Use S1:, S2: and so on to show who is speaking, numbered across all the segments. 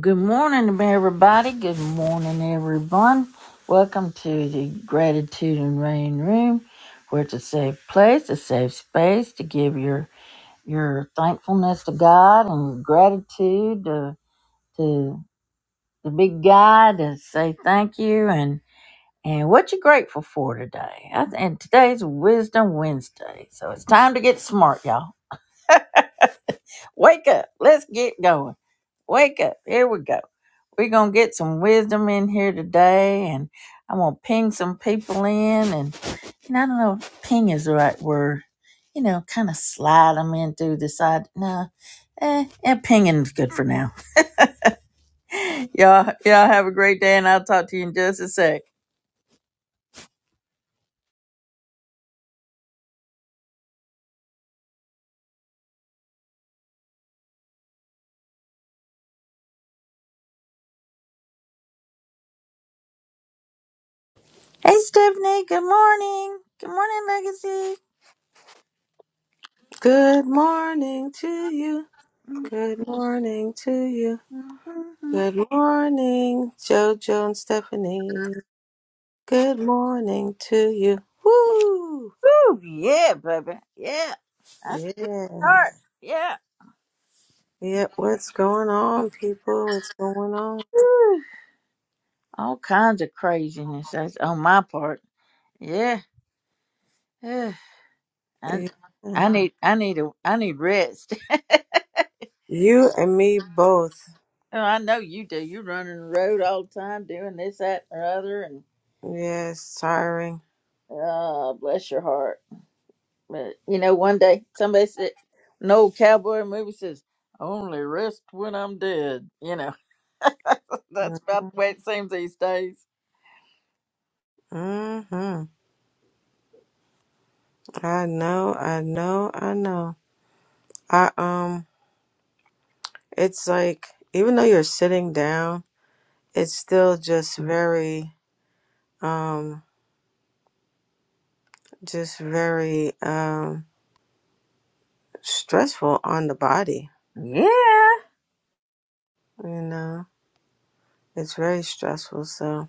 S1: Good morning, everybody. Good morning, everyone. Welcome to the Gratitude and Rain Room, where it's a safe place, a safe space to give your your thankfulness to God and your gratitude to, to the big guy to say thank you and and what you're grateful for today. I And today's Wisdom Wednesday, so it's time to get smart, y'all. Wake up. Let's get going. Wake up. Here we go. We're going to get some wisdom in here today, and I'm going to ping some people in. And, and I don't know if ping is the right word. You know, kind of slide them in through the side. No, eh, eh pinging's good for now. y'all, y'all have a great day, and I'll talk to you in just a sec. Hey, Stephanie. Good morning. Good morning, Legacy.
S2: Good morning to you. Good morning to you.
S1: Mm-hmm.
S2: Good morning, JoJo and Stephanie. Good morning to you. Woo!
S1: Ooh, yeah, baby. Yeah. That's the
S2: Yeah.
S1: start. Yeah.
S2: Yeah. What's going on, people? What's going on?
S1: all kinds of craziness that's on my part. Yeah, I
S2: Yeah.
S1: I need I need a I need rest.
S2: You and me both.
S1: oh, I know you do. You're running the road all the time, doing this, that, and the other, and
S2: Yes, tiring.
S1: oh, bless your heart. But you know, one day somebody said, an old cowboy movie says, "I "Only rest when I'm dead." You know, that's
S2: Mm-hmm.
S1: about the way it seems these days.
S2: hmm I know, I know, I know. I um it's like even though you're sitting down, it's still just very um, just very um, stressful on the body.
S1: Yeah.
S2: You know, it's very stressful. So,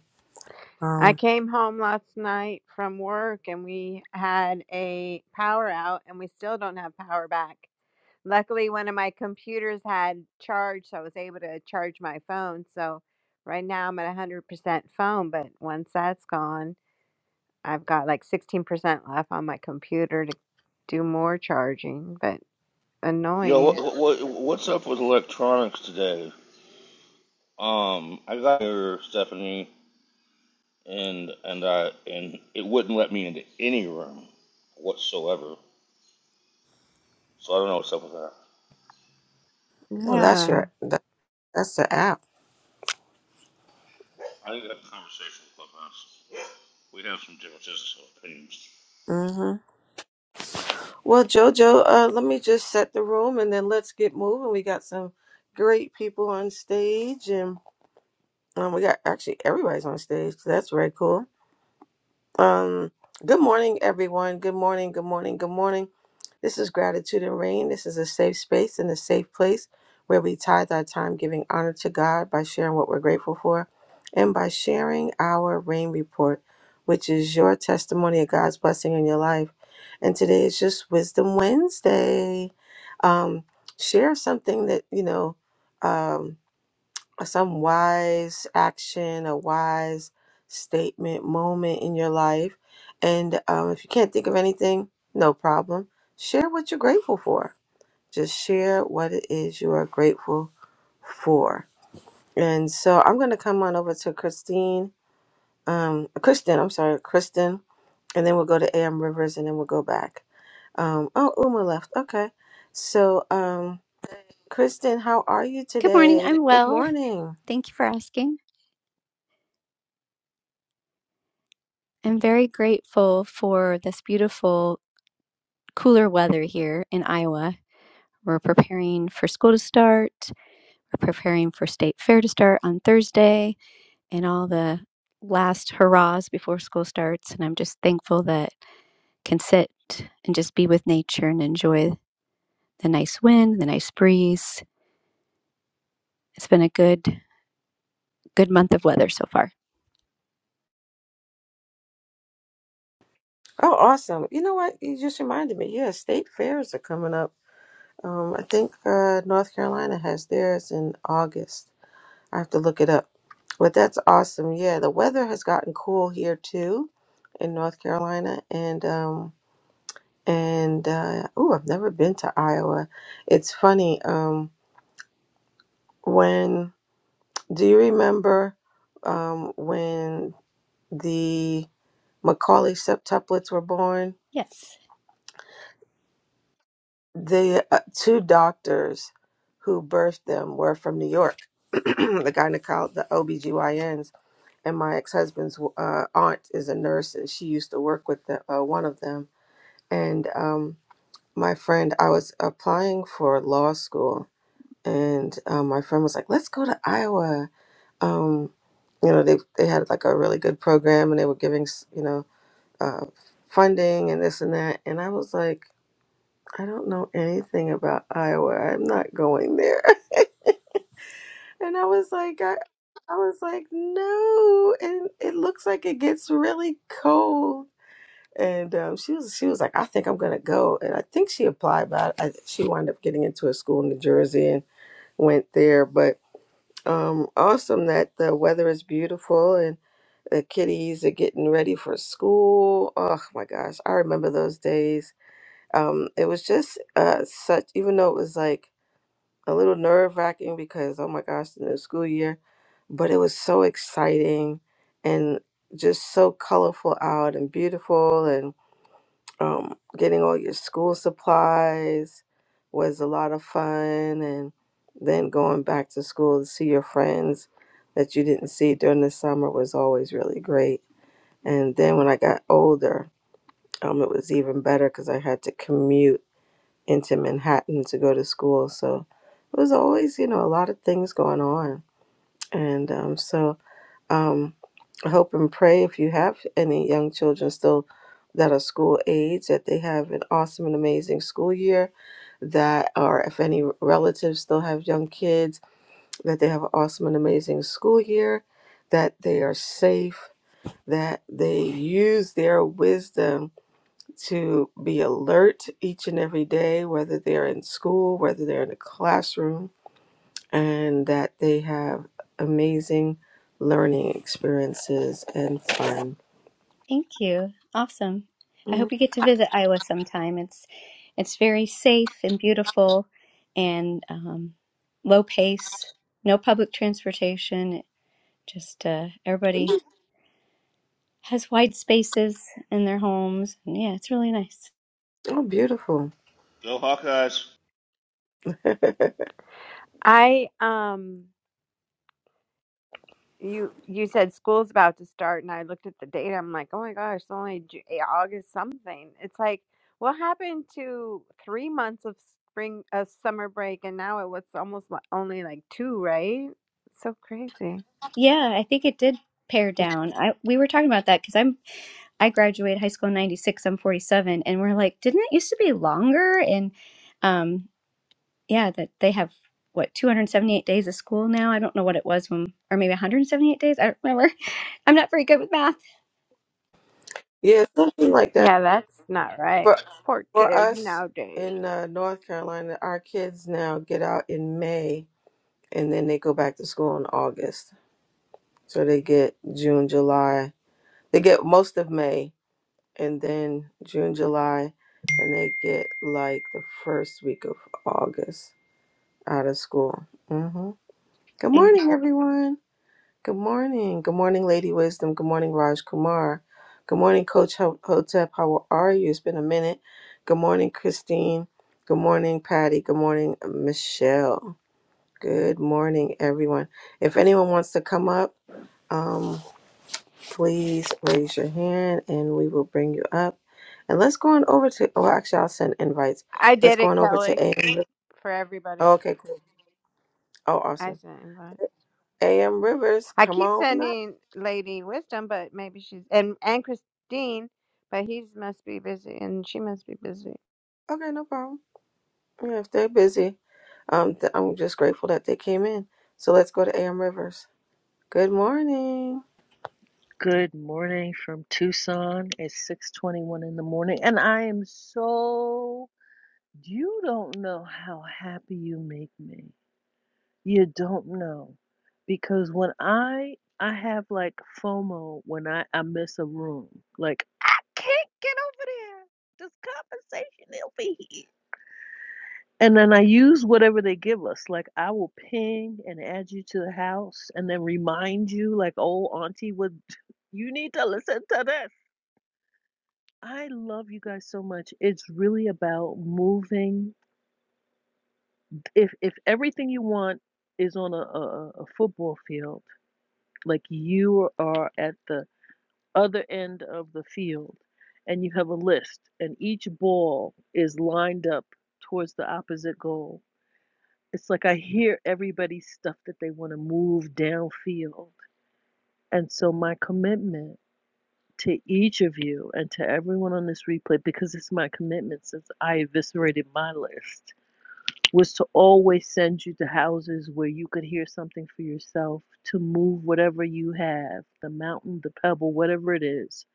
S3: I
S2: um,
S3: came home last night from work and we had a power out and we still don't have power back. Luckily, one of my computers had charge, so I was able to charge my phone. So right now I'm at 100% phone, but once that's gone, I've got like 16% left on my computer to do more charging, but
S4: Yo,
S3: annoying.
S4: what, what what's up with electronics today? Um, I got here, Stephanie, and and I and it wouldn't let me into any room whatsoever. So I don't know what's up with that.
S2: well, that's
S3: Yeah.
S2: your that, that's the app.
S4: I think that conversation with Clubhouse. We have some differences of opinions.
S2: hmm Well, Jojo, uh, let me just set the room and then let's get moving. We got some great people on stage, and um, we got actually everybody's on stage. So that's very cool. Um, good morning, everyone. Good morning, good morning, good morning. This is Gratitude and Rain. This is a safe space and a safe place where we tithe our time giving honor to God by sharing what we're grateful for and by sharing our rain report, which is your testimony of God's blessing in your life. And today is just Wisdom Wednesday. Um, share something that, you know, Um some wise action, a wise statement, moment in your life. And um, if you can't think of anything, no problem. Share what you're grateful for. Just share what it is you are grateful for. And so I'm going to come on over to Christine, um, Kristen, I'm sorry, Kristen, and then we'll go to AM Rivers and then we'll go back. Um, oh, Uma left. Okay. So, um, Kristen, how are you
S5: Good morning.
S2: today?
S5: I'm
S2: Good
S5: well.
S2: morning.
S5: Thank you for asking. I'm very grateful for this beautiful, cooler weather here in Iowa. We're preparing for school to start. We're preparing for state fair to start on Thursday and all the last hurrahs before school starts. And I'm just thankful that I can sit and just be with nature and enjoy the nice wind, the nice breeze. It's been a good, good month of weather so far.
S2: Oh, awesome. You know what? You just reminded me. Yeah, state fairs are coming up. Um, I think uh, North Carolina has theirs in August. I have to look it up. But that's awesome. Yeah, the weather has gotten cool here too in North Carolina and um and uh oh, I've never been to Iowa. It's funny um when do you remember um when the Macaulay septuplets were born?
S5: Yes.
S2: the uh, two doctors who birthed them were from New York. the gynecologist, the OBGYNs, and my ex-husband's uh, aunt is a nurse, and she used to work with the, uh, one of them. And um, my friend, I was applying for law school, and um, my friend was like, "Let's go to Iowa." Um, you know, they they had like a really good program, and they were giving s- you know uh, funding and this and that. And I was like. I don't know anything about Iowa. I'm not going there. And I was like, I, I was like, no. And it looks like it gets really cold. And um, she was, she was like, I think I'm gonna go. And I think she applied, but I, she wound up getting into a school in New Jersey and went there. But um, awesome that the weather is beautiful and the kiddies are getting ready for school. Oh my gosh, I remember those days. Um, it was just uh, such, even though it was like a little nerve wracking because oh my gosh, the new school year, but it was so exciting and just so colorful out and beautiful and um, getting all your school supplies was a lot of fun and then going back to school to see your friends that you didn't see during the summer was always really great and then when i got older um, it was even better because i had to commute into Manhattan to go to school. So it was always, you know, a lot of things going on. And um, so um, I hope and pray if you have any young children still that are school age, that they have an awesome and amazing school year, that, or if any relatives still have young kids, that they have an awesome and amazing school year, that they are safe, that they use their wisdom to be alert each and every day, whether they're in school, whether they're in a classroom, and that they have amazing learning experiences and fun.
S5: Thank you. Awesome. I
S2: Mm,
S5: hope you get to visit Iowa sometime. It's it's very safe and beautiful, and um, low pace. No public transportation. Just uh, everybody has wide spaces in their homes. And yeah, it's really nice.
S2: Oh, beautiful.
S4: Go Hawkeyes!
S3: I um you you said school's about to start and i looked at the date i'm like oh my gosh it's only Ju- eh, august something it's like what happened to three months of spring of summer break and now it was almost li- only like two right so crazy
S5: Yeah, I think it did pare down. I we were talking about that because I'm I graduated high school in '96. I'm 47, and we're like, didn't it used to be longer? And um, yeah, that they have what 278 days of school now. I don't know what it was when, or maybe 178 days. I don't remember. I'm not very good with math.
S2: Yeah, something like that.
S3: yeah that's not
S2: For
S3: right poor
S2: for
S3: kids
S2: us
S3: nowadays
S2: in uh, North Carolina, our kids now get out in May and then they go back to school in August. So they get June, July. They get most of May and then June, July, and they get like the first week of August out of school. hmm Good
S5: Same.
S2: morning, everyone. Good morning. Good morning, Lady Wisdom. Good morning, Raj Kumar. Good morning, Coach Ho- Hotep. How are you? It's been a minute. Good morning, Christine. Good morning, Patty. Good morning, Michelle. Good morning, everyone. If anyone wants to come up, um, please raise your hand and we will bring you up. And let's go on over to, oh, actually, I'll send invites.
S3: i
S2: Let's
S3: did
S2: go
S3: it
S2: on over to
S3: kelly
S2: AM. Riv-
S3: for everybody
S2: Oh, okay, cool. Oh,
S3: i
S2: awesome.
S3: sent invite
S2: AM Rivers,
S3: i
S2: come
S3: keep
S2: on up.
S3: sending lady wisdom but maybe she's and and christine but he's must be busy and she must be busy
S2: Okay, no problem. Yeah, if they're busy, um, th- I'm just grateful that they came in. So let's go to AM Rivers. Good morning.
S6: Good morning from Tucson. It's 6:21 in the morning and I am so you don't know how happy you make me. You don't know. Because when I I have like FOMO when I I miss a room. Like I can't get over there. This conversation it will be here. And then I use whatever they give us. Like I will ping and add you to the house and then remind you like old auntie would you need to listen to this. I love you guys so much. It's really about moving. If if everything you want is on a, a, a football field, like you are at the other end of the field and you have a list and each ball is lined up towards the opposite goal. It's like I hear everybody's stuff that they want to move downfield. And so my commitment to each of you and to everyone on this replay, because it's my commitment since I eviscerated my list was to always send you to houses where you could hear something for yourself, to move whatever you have, the mountain, the pebble, whatever it is,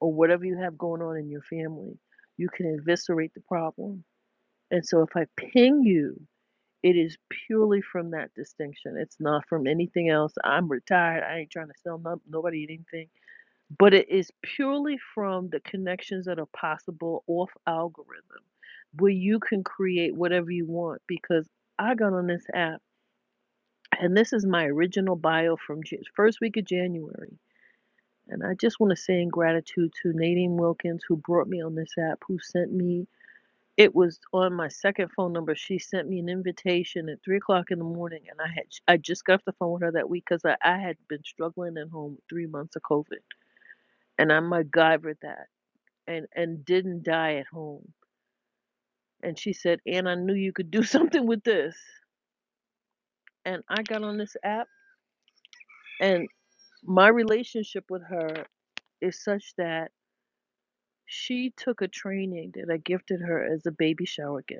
S6: or whatever you have going on in your family. You can eviscerate the problem. And so if I ping you, it is purely from that distinction. It's not from anything else. I'm retired. I ain't trying to sell no, nobody anything but it is purely from the connections that are possible off algorithm where you can create whatever you want because i got on this app and this is my original bio from Jan- first week of january and i just want to say in gratitude to nadine wilkins who brought me on this app who sent me it was on my second phone number she sent me an invitation at three o'clock in the morning and i had i just got off the phone with her that week because I, I had been struggling at home with three months of covid and i MacGyvered that and and didn't die at home. And she said, "And I knew you could do something with this." And I got on this app and my relationship with her is such that she took a training that I gifted her as a baby shower gift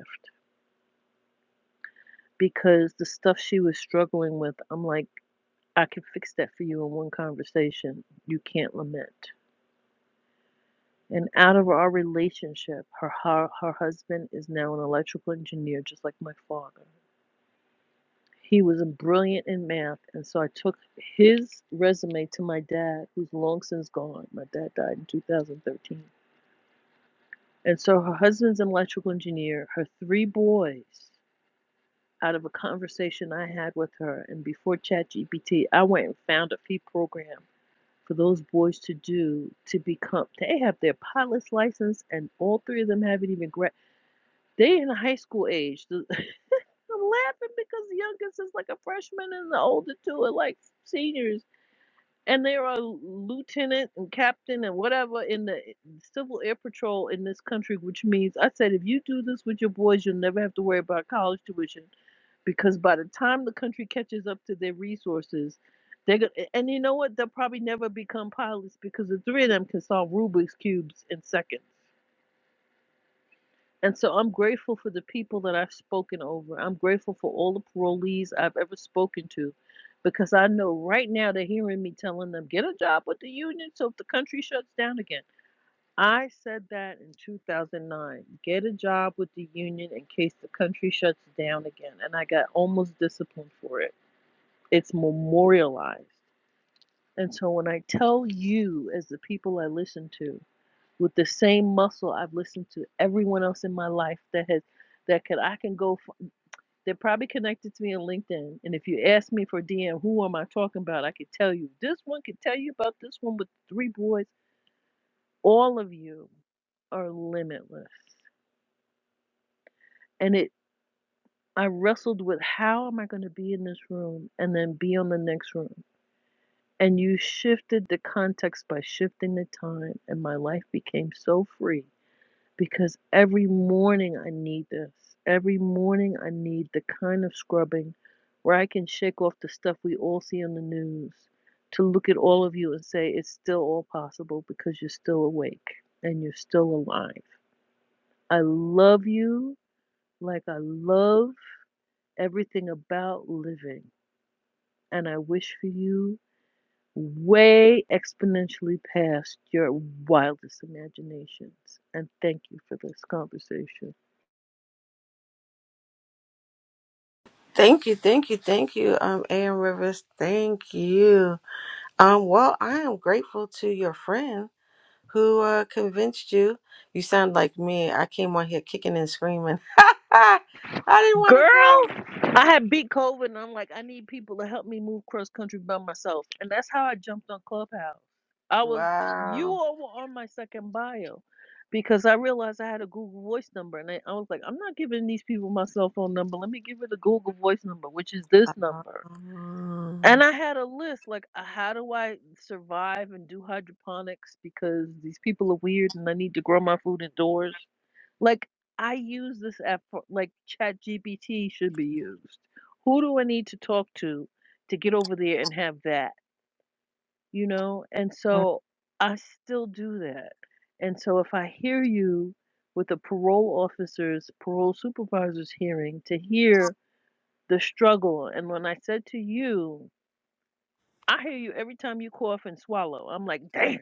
S6: because the stuff she was struggling with, I'm like, I can fix that for you in one conversation. You can't lament. And out of our relationship, her her, her husband is now an electrical engineer just like my father He was brilliant in math, and so I took his resume to my dad, who's long since gone. My dad died in 2013. And so her husband's an electrical engineer, her three boys, out of a conversation I had with her, and before ChatGPT, I went and found a fee program for those boys to do to become, they have their pilot's license, and all three of them haven't even grad. They in high school age. I'm laughing because the youngest is like a freshman and the older two are like seniors and there are lieutenant and captain and whatever in the civil air patrol in this country, which means I said if you do this with your boys, you'll never have to worry about college tuition because by the time the country catches up to their resources, they're gonna and you know what? They'll probably never become pilots because the three of them can solve Rubik's cubes in seconds. And so I'm grateful for the people that I've spoken over. I'm grateful for all the parolees I've ever spoken to because I know right now they're hearing me telling them, get a job with the union so if the country shuts down again. I said that in 2009 get a job with the union in case the country shuts down again. And I got almost disciplined for it. It's memorialized. And so when I tell you, as the people I listen to, with the same muscle I've listened to everyone else in my life that has that could I can go f- they're probably connected to me on LinkedIn and if you ask me for DM who am I talking about I could tell you this one could tell you about this one with three boys all of you are limitless and it I wrestled with how am I going to be in this room and then be on the next room and you shifted the context by shifting the time and my life became so free because every morning I need this. Every morning I need the kind of scrubbing where I can shake off the stuff we all see on the news to look at all of you and say it's still all possible because you're still awake and you're still alive. I love you like I love everything about living, and I wish for you way exponentially past your wildest imaginations. And thank you for this conversation.
S2: Thank you, thank you, thank you, um, AM Rivers. Thank you. Um, well, I am grateful to your friend who uh, convinced you. You sound like me. I came on here kicking and screaming. I didn't want to go.
S6: Girl, I had beat COVID and I'm like, I need people to help me move cross country by myself. And that's how I jumped on Clubhouse. I was, you
S2: Wow.
S6: all were on my second bio because I realized I had a Google Voice number. And I, I was like, I'm not giving these people my cell phone number. Let me give it a Google Voice number, which is this number. And I had a list like, uh, how do I survive and do hydroponics because these people are weird and I need to grow my food indoors like, I use this app for like ChatGPT should be used. Who do I need to talk to to get over there and have that? You know? And so I still do that. And so if I hear you with a parole officer's, parole supervisor's hearing to hear the struggle, and when I said to you, I hear you every time you cough and swallow. I'm like, damn.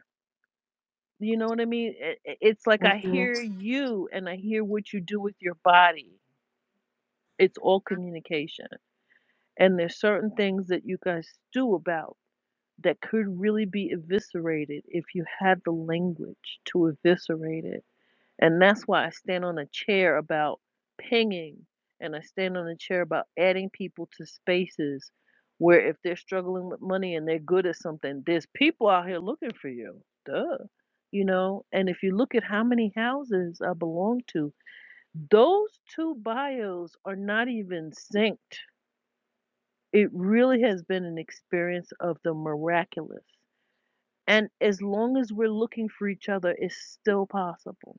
S6: You know what I mean? It, it- it's like I
S2: Mm.
S6: hear you and I hear what you do with your body It's all communication. And there's certain things that you guys do about that could really be eviscerated if you had the language to eviscerate it. And that's why I stand on a chair about pinging and I stand on a chair about adding people to spaces where if they're struggling with money and they're good at something, there's people out here looking for you. Duh. You know, and if you look at how many houses I belong to, those two bios are not even synced. It really has been an experience of the miraculous. And as long as we're looking for each other, it's still possible.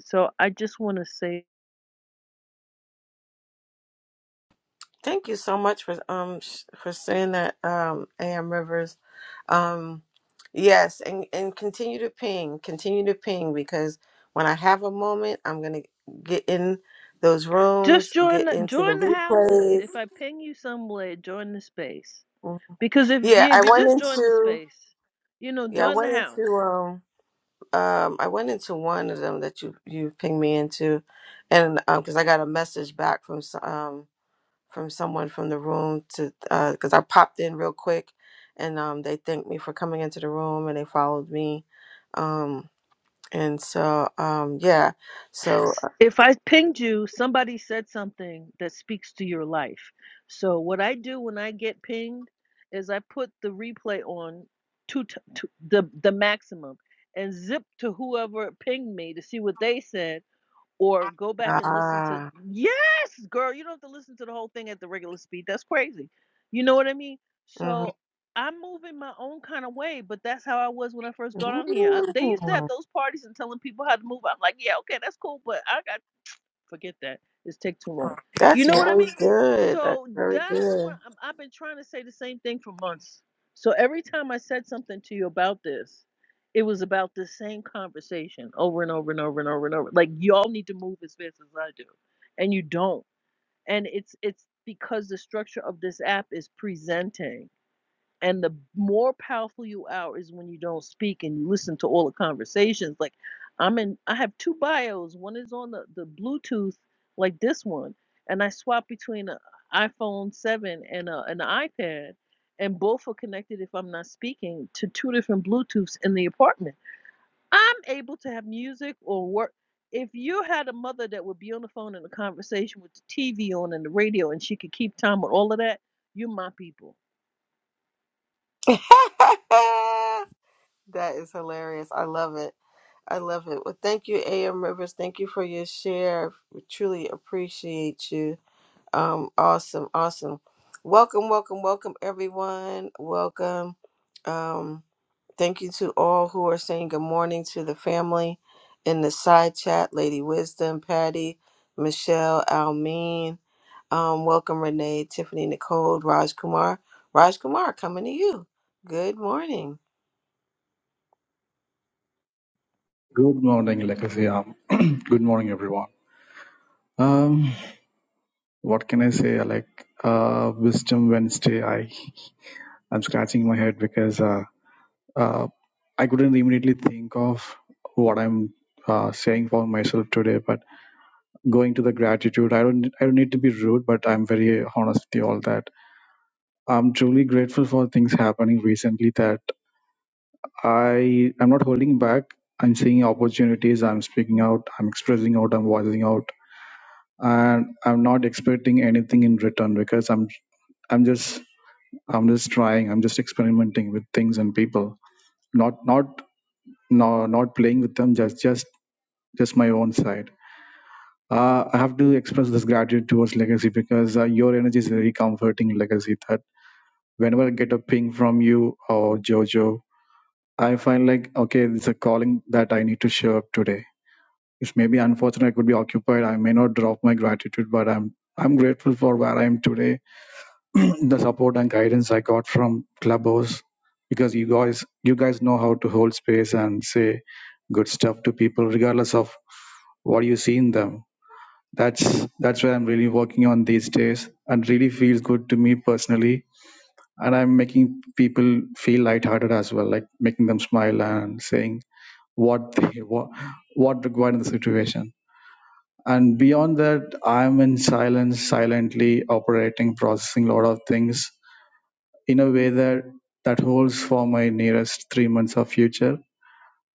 S6: So I just want to say
S2: Thank you so much for um sh- for saying that um AM Rivers. Um yes, and and continue to ping, continue to ping because when I have a moment, I'm going to get in those
S6: just
S2: rooms,
S6: join
S2: get
S6: the,
S2: into the
S6: join the houses.
S2: replays.
S6: If I ping you somewhere, join the space.
S2: Mhm.
S6: Because if
S2: Yeah,
S6: you
S2: I
S6: if you
S2: went
S6: just join the
S2: into
S6: space, you know,
S2: yeah, I
S6: join the
S2: went into
S6: house.
S2: um um I went into one of them that you you pinged me into and um cuz I got a message back from s- um from someone from the room to because I popped in real quick, and um, they thanked me for coming into the room and they followed me, um, and so um, yeah, so
S6: If I pinged you, somebody said something that speaks to your life. So what I do when I get pinged is I put the replay on to, t- to the the maximum and zip to whoever pinged me to see what they said or go back and listen to
S2: ah,
S6: yes girl you don't have to listen to the whole thing at the regular speed that's crazy you know what i mean
S2: mhm.
S6: so i'm moving my own kind of way but that's how i was when i first got on here I, they used to have
S2: Mm,
S6: those parties and telling people how to move i'm like yeah okay that's cool but i got Forget that. It's take too long. You
S2: that's
S6: know what I
S2: very
S6: mean?
S2: good. That's
S6: So
S2: very
S6: that's what
S2: good.
S6: I'm, I've been trying to say the same thing for months. So every time I said something to you about this, it was about the same conversation over and over and over and over and over. Like y'all need to move as fast as I do, and you don't. And it's it's because the structure of this app is presenting. And the more powerful you are is when you don't speak and you listen to all the conversations. Like I'm in I have two bios. One is on the, the Bluetooth, like this one, and I swap between an iPhone 7 and a, an iPad, and both are connected if I'm not speaking to two different Bluetooths in the apartment. I'm able to have music or work. If you had a mother that would be on the phone in a conversation with the TV on and the radio and she could keep time with all of that, you're my people
S2: that is hilarious. I love it. I love it. Well, thank you, A.M. Rivers. Thank you for your share. We truly appreciate you. Um, awesome, awesome. Welcome, welcome, welcome, everyone. Welcome. Um, thank you to all who are saying good morning to the family in the side chat Lady Wisdom, Patty, Michelle, Almeen. Um, welcome, Renee, Tiffany, Nicole, Raj Kumar. Raj Kumar, coming to you. Good morning.
S7: Good morning, Lekasiam. Good morning, everyone. Um, what can I say? Like uh, Wisdom Wednesday, I I'm scratching my head because uh, uh, I couldn't immediately think of what I'm uh, saying for myself today. But going to the gratitude, I don't I don't need to be rude, but I'm very honest with you all that I'm truly grateful for things happening recently that I I'm not holding back. I'm seeing opportunities. I'm speaking out. I'm expressing out. I'm voicing out and i'm not expecting anything in return because i'm i'm just i'm just trying i'm just experimenting with things and people not not no not playing with them just just just my own side uh, i have to express this gratitude towards legacy because uh, your energy is very comforting legacy that whenever i get a ping from you or jojo i find like okay it's a calling that i need to show up today it's maybe unfortunate i could be occupied i may not drop my gratitude but i'm i'm grateful for where i am today the support and guidance I got from Clubhouse because you guys you guys know how to hold space and say good stuff to people regardless of what you see in them. That's that's where I'm really working on these days and really feels good to me personally. And I'm making people feel lighthearted as well, like making them smile and saying what they what what required in the situation. And beyond that, I'm in silence, silently operating, processing a lot of things in a way that that holds for my nearest three months of future.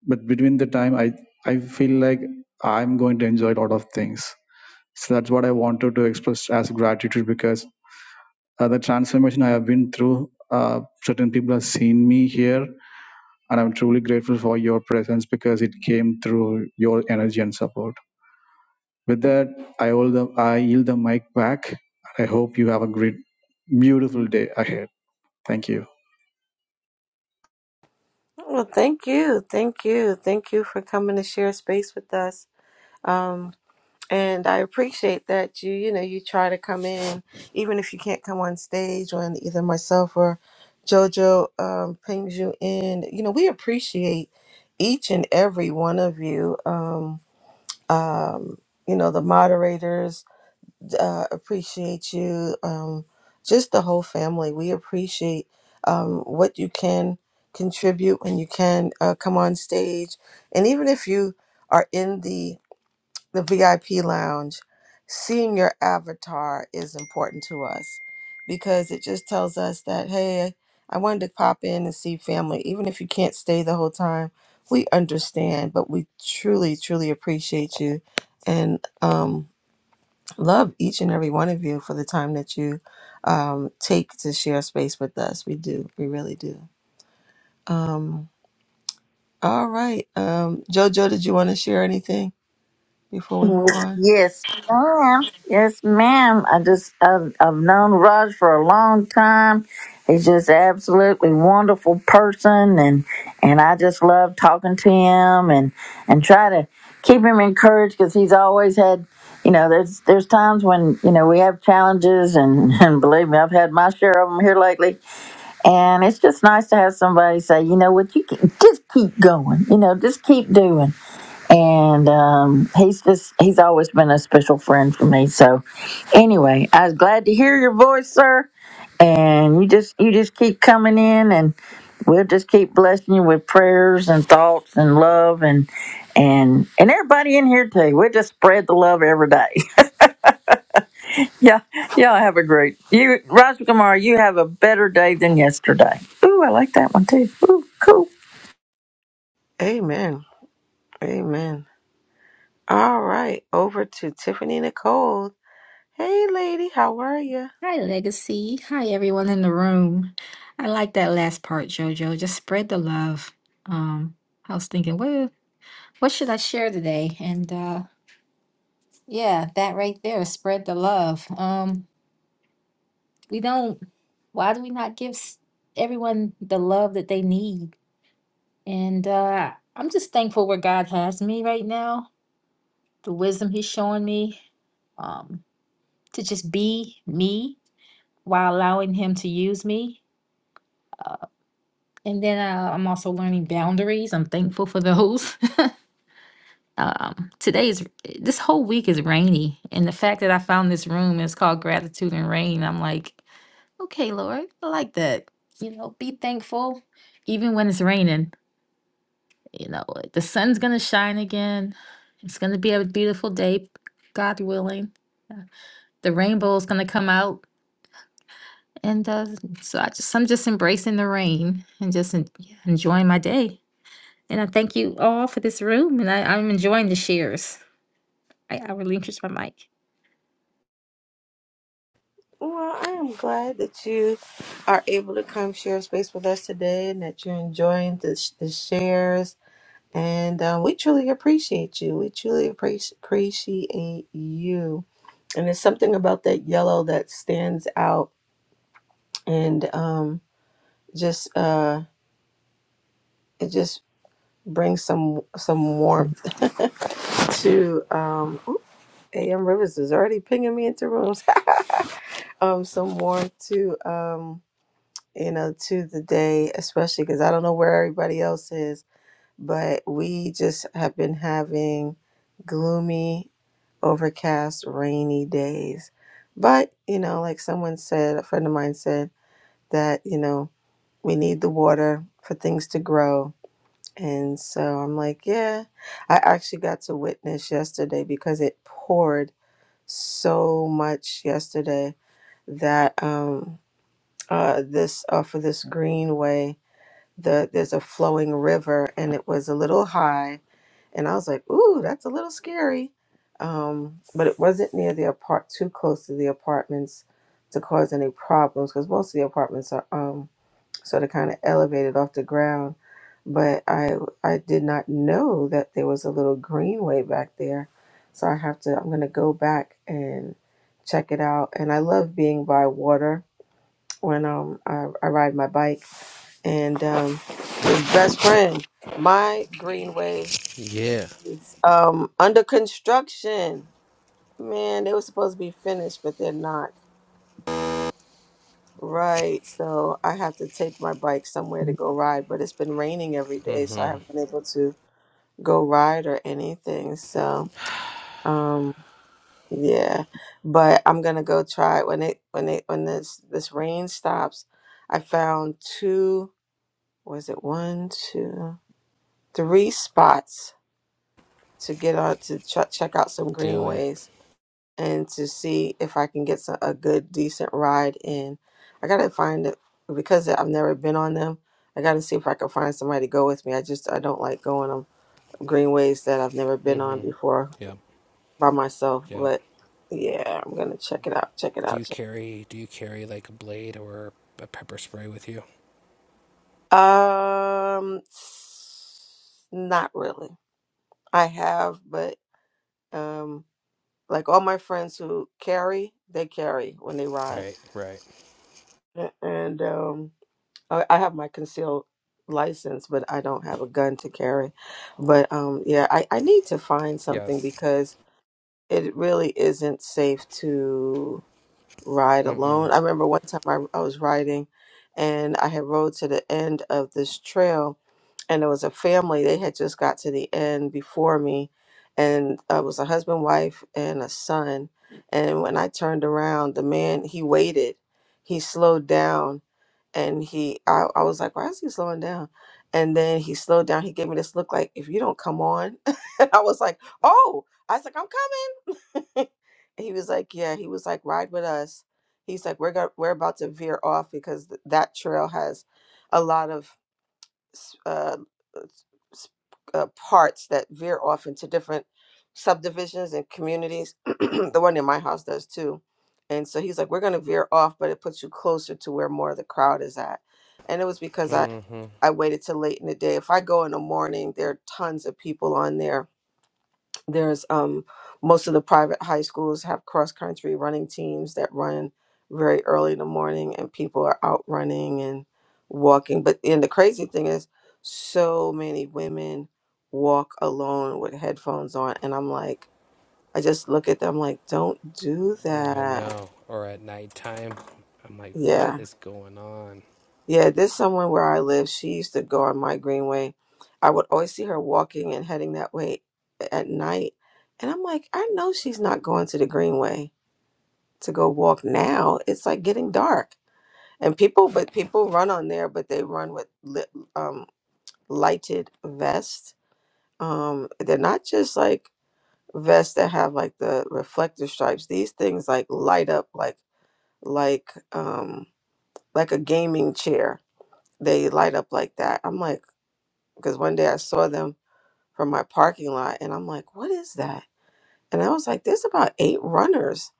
S7: But between the time, I I feel like I'm going to enjoy a lot of things. So that's what I wanted to express as gratitude because uh, the transformation I have been through, uh, certain people have seen me here, and I'm truly grateful for your presence because it came through your energy and support. With that, I hold the I yield the mic back. I hope you have a great, beautiful day ahead. Thank you.
S2: Well, thank you. Thank you. Thank you for coming to share space with us. Um, and I appreciate that you you know you try to come in even if you can't come on stage when either myself or JoJo um, pings you in. You know we appreciate each and every one of you. Um, um, you know the moderators uh, appreciate you. Um, just the whole family we appreciate um, what you can contribute when you can uh, come on stage and even if you are in the the VIP lounge, seeing your avatar is important to us because it just tells us that, hey, I wanted to pop in and see family. Even if you can't stay the whole time, we understand, but we truly, truly appreciate you and um, love each and every one of you for the time that you um, take to share space with us. We do. We really do. Um, all right. Um, JoJo, did you want to share anything before we move on?
S1: Yes, ma'am. Yes, ma'am. I just I've, I've known Raj for a long time. He's just absolutely wonderful person, and and I just love talking to him and and try to keep him encouraged because he's always had. You know, there's there's times when you know we have challenges, and, and believe me, I've had my share of them here lately. And it's just nice to have somebody say, you know what, you can just keep going. You know, just keep doing and um, he's just he's always been a special friend for me so anyway i was glad to hear your voice sir and you just you just keep coming in and we'll just keep blessing you with prayers and thoughts and love and and and everybody in here too we'll just spread the love every day yeah yeah have a great you Raj Kumar you have a better day than yesterday ooh i like that one too ooh cool
S2: Amen. Amen. All right, over to Tiffany Nicole. Hey, lady, how are you?
S8: Hi, Legacy. Hi, everyone in the room. I like that last part, Jojo. Just spread the love. Um, I was thinking, well, what should I share today? And uh, yeah, that right there, spread the love. Um, we don't. Why do we not give s- everyone the love that they need? And uh, I'm just thankful where God has me right now. The wisdom He's showing me um, to just be me while allowing Him to use me. uh, And then uh, I'm also learning boundaries. I'm thankful for those. um, today is this whole week is rainy, and the fact that I found this room and it's called Gratitude and Rain, I'm like, okay, Lord, I like that. You know, be thankful even when it's raining. You know, the sun's gonna shine again. It's gonna be a beautiful day, God willing. Uh, The rainbow's gonna come out, and uh, so I just I'm just embracing the rain and just en- enjoying my day. And I thank you all for this room, and I, I'm enjoying the shares. I, I relinquish my mic.
S2: Well, I am glad that you are able to come share space with us today and that you're enjoying the, sh- the shares. And uh, we truly appreciate you. We truly appreci- appreciate you. And there's something about that yellow that stands out and um, just uh, it just brings some some warmth to um, AM Rivers is already pinging me into rooms. um some more to um you know to the day especially because i don't know where everybody else is but we just have been having gloomy overcast rainy days but you know like someone said a friend of mine said that you know we need the water for things to grow and so i'm like yeah i actually got to witness yesterday because it poured so much yesterday that um uh, this off of this greenway. The there's a flowing river, and it was a little high, and I was like, "Ooh, that's a little scary," um, but it wasn't near the apart too close to the apartments to cause any problems because most of the apartments are um, sort of kind of elevated off the ground. But I I did not know that there was a little greenway back there, so I have to I'm gonna go back and check it out. And I love being by water when um I, I ride my bike and um his best friend my greenway
S9: Yeah.
S2: is um under construction man they were supposed to be finished but they're not right so I have to take my bike somewhere to go ride but it's been raining every day so I
S9: Mm-hmm.
S2: haven't been able to go ride or anything so um yeah but I'm gonna go try it when it when it when this this rain stops I found two was it one, two, three spots to get on to ch- check out some
S9: Do it.
S2: greenways and to see if I can get some, a good, decent ride in. I gotta find it because I've never been on them. I gotta see if I can find somebody to go with me. I just I don't like going on greenways that I've never been on before
S9: Yep.
S2: by myself.
S9: Yep.
S2: But yeah, I'm gonna check it out. Check it
S9: Do
S2: out.
S9: you
S2: Check.
S9: carry do you carry like a blade or a pepper spray with you?
S2: Um, s- not really. I have, but um. Like all my friends who carry, they carry when they ride.
S9: Right, right.
S2: A- And um, I I have my concealed license, but I don't have a gun to carry. But um, yeah, I, I need to find something
S9: Yes.
S2: because it really isn't safe to ride
S9: Mm-mm.
S2: alone. I remember one time I, I was riding and I had rode to the end of this trail and there was a family. They had just got to the end before me and uh, it was a husband, wife, and a son. And when I turned around, the man, he waited. He slowed down and he I, I was like why is he slowing down and then he slowed down he gave me this look like if you don't come on and i was like oh i was like i'm coming and he was like yeah he was like ride with us he's like we're go- we're about to veer off because th- that trail has a lot of s- uh, s- uh, parts that veer off into different subdivisions and communities. the one in my house does too. And so he's like, we're going to veer off, but it puts you closer to where more of the crowd is at. And it was because I,
S9: Mm-hmm.
S2: I waited till late in the day. If I go in the morning, there are tons of people on there there's um most of the private high schools have cross country running teams that run very early in the morning and people are out running and walking but and the crazy thing is so many women walk alone with headphones on and i'm like i just look at them like don't do
S9: I
S2: that
S9: know. Or at nighttime. I'm like, what
S2: yeah
S9: is going on?
S2: yeah there's someone where i live she used to go on my greenway i would always see her walking and heading that way at night and i'm like i know she's not going to the greenway to go walk now, it's like getting dark. And people, but people run on there, but they run with lit, um, lighted vests. Um, they're not just like vests that have like the reflector stripes. These things like light up like like um, like a gaming chair. They light up like that. I'm like, because one day I saw them from my parking lot, and I'm like, what is that? And I was like, there's about eight runners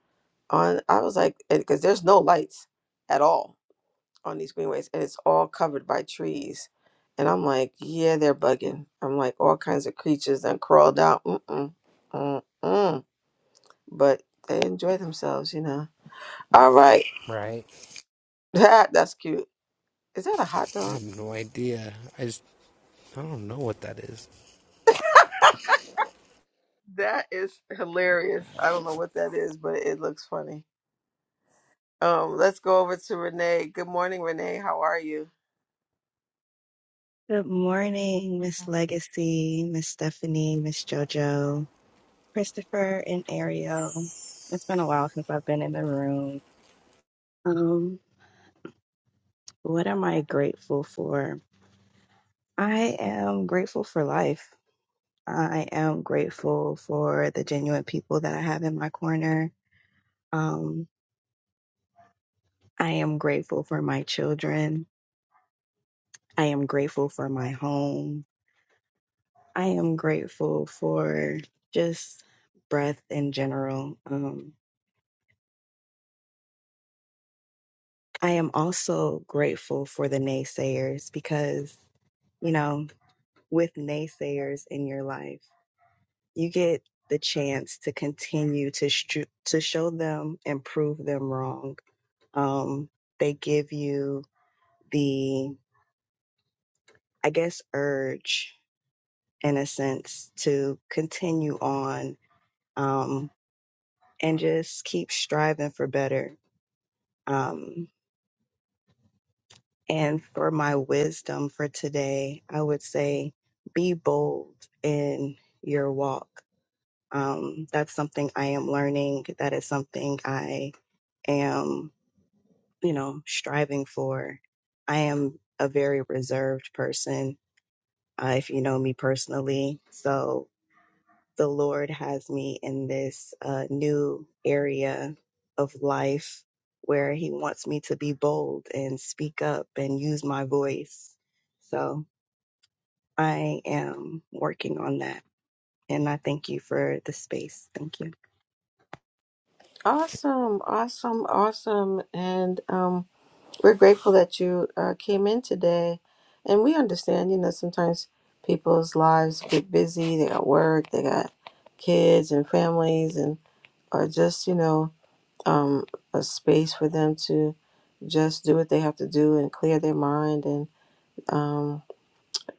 S2: on. I was like, because there's no lights at all on these greenways and it's all covered by trees. And I'm like, yeah, they're bugging. I'm like, all kinds of creatures that crawled out. Mm-mm, mm-mm. But they enjoy themselves, you know. All right.
S9: Right?
S2: that that's cute. Is that a hot
S9: I
S2: dog?
S9: have no idea. I just I don't know what that is.
S2: That is hilarious. I don't know what that is, but it looks funny. Um, let's go over to Renee. Good morning, Renee. How are you?
S10: Good morning, Miss Legacy, Miss Stephanie, Miss JoJo, Christopher, and Ariel. It's been a while since I've been in the room. Um, what am I grateful for? I am grateful for life. I am grateful for the genuine people that I have in my corner. Um, I am grateful for my children. I am grateful for my home. I am grateful for just breath in general. Um, I am also grateful for the naysayers because, you know, with naysayers in your life, you get the chance to continue to stru- to show them and prove them wrong. Um, they give you the, I guess, urge in a sense to continue on um, and just keep striving for better. Um, And for my wisdom for today, I would say be bold in your walk. Um, that's something I am learning. That is something I am, you know, striving for. I am a very reserved person, uh, if you know me personally. So the Lord has me in this uh, new area of life where He wants me to be bold and speak up and use my voice. So I am working on that. And I thank you for the space. Thank you.
S2: Awesome, awesome, awesome. And um We're grateful that you uh, came in today. And we understand, you know, sometimes people's lives get busy. They got work, they got kids and families, and or just, you know, um, a space for them to just do what they have to do and clear their mind and um,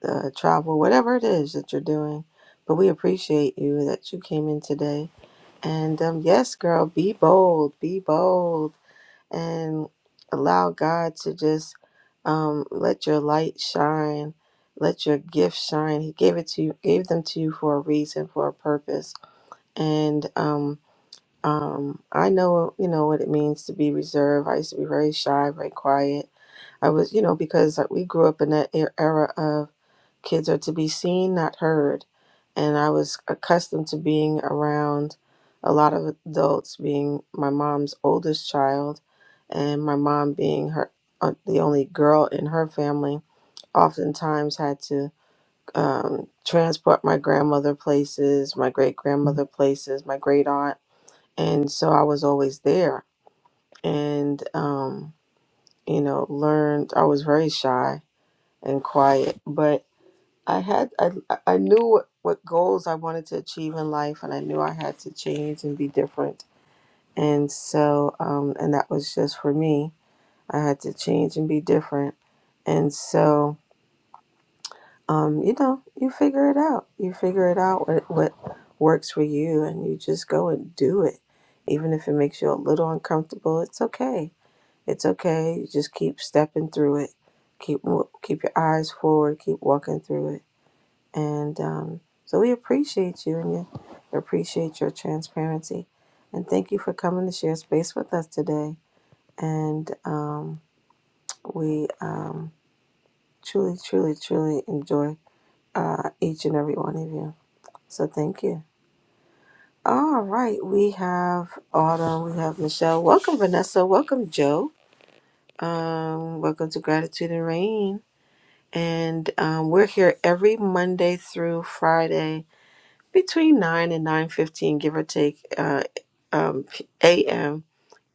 S2: uh, travel, whatever it is that you're doing. But we appreciate you that you came in today. And um, yes, girl, be bold, be bold and allow God to just um, let your light shine, let your gift shine. He gave it to you, gave them to you for a reason, for a purpose. And um, um, I know, you know, what it means to be reserved. I used to be very shy, very quiet. I was, you know, because we grew up in that e- era of Kids are to be seen, not heard. And I was accustomed to being around a lot of adults, being my mom's oldest child, and my mom being her uh, the only girl in her family. Oftentimes had to um, transport my grandmother places, my great grandmother places, my great aunt, and so I was always there. And um, you know, learned I was very shy and quiet, but I had I, I knew what, what goals I wanted to achieve in life, and I knew I had to change and be different. And so, um, and that was just for me. I had to change and be different. And so, um, you know, you figure it out. You figure it out what what works for you, and you just go and do it, even if it makes you a little uncomfortable. It's okay. It's okay. You just keep stepping through it. Keep mo- keep your eyes forward. Keep walking through it and um, so we appreciate you and you appreciate your transparency. And thank you for coming to share space with us today. And um, we um, truly, truly, truly enjoy uh, each and every one of you. So thank you. All right. We have Autumn. We have Michelle. Welcome, Vanessa. Welcome, Joe. Um, welcome to Gratitude and Rain. And um, we're here every Monday through Friday between 9 and 9.15 give or take uh, um, am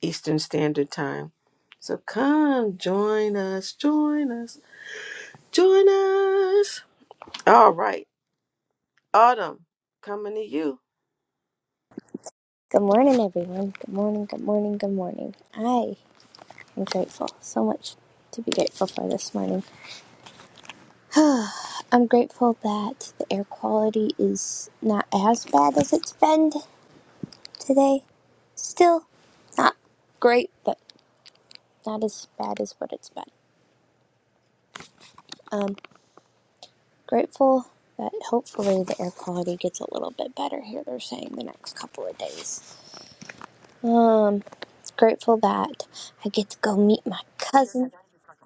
S2: eastern standard time so come join us join us join us all right autumn coming to you
S11: Good morning, everyone. Good morning, good morning, good morning. I am grateful. So much to be grateful for this morning. I'm grateful that the air quality is not as bad as it's been today. Still not great, but not as bad as what it's been. Um, grateful that hopefully the air quality gets a little bit better here, they're saying the next couple of days. Um, grateful that I get to go meet my cousin,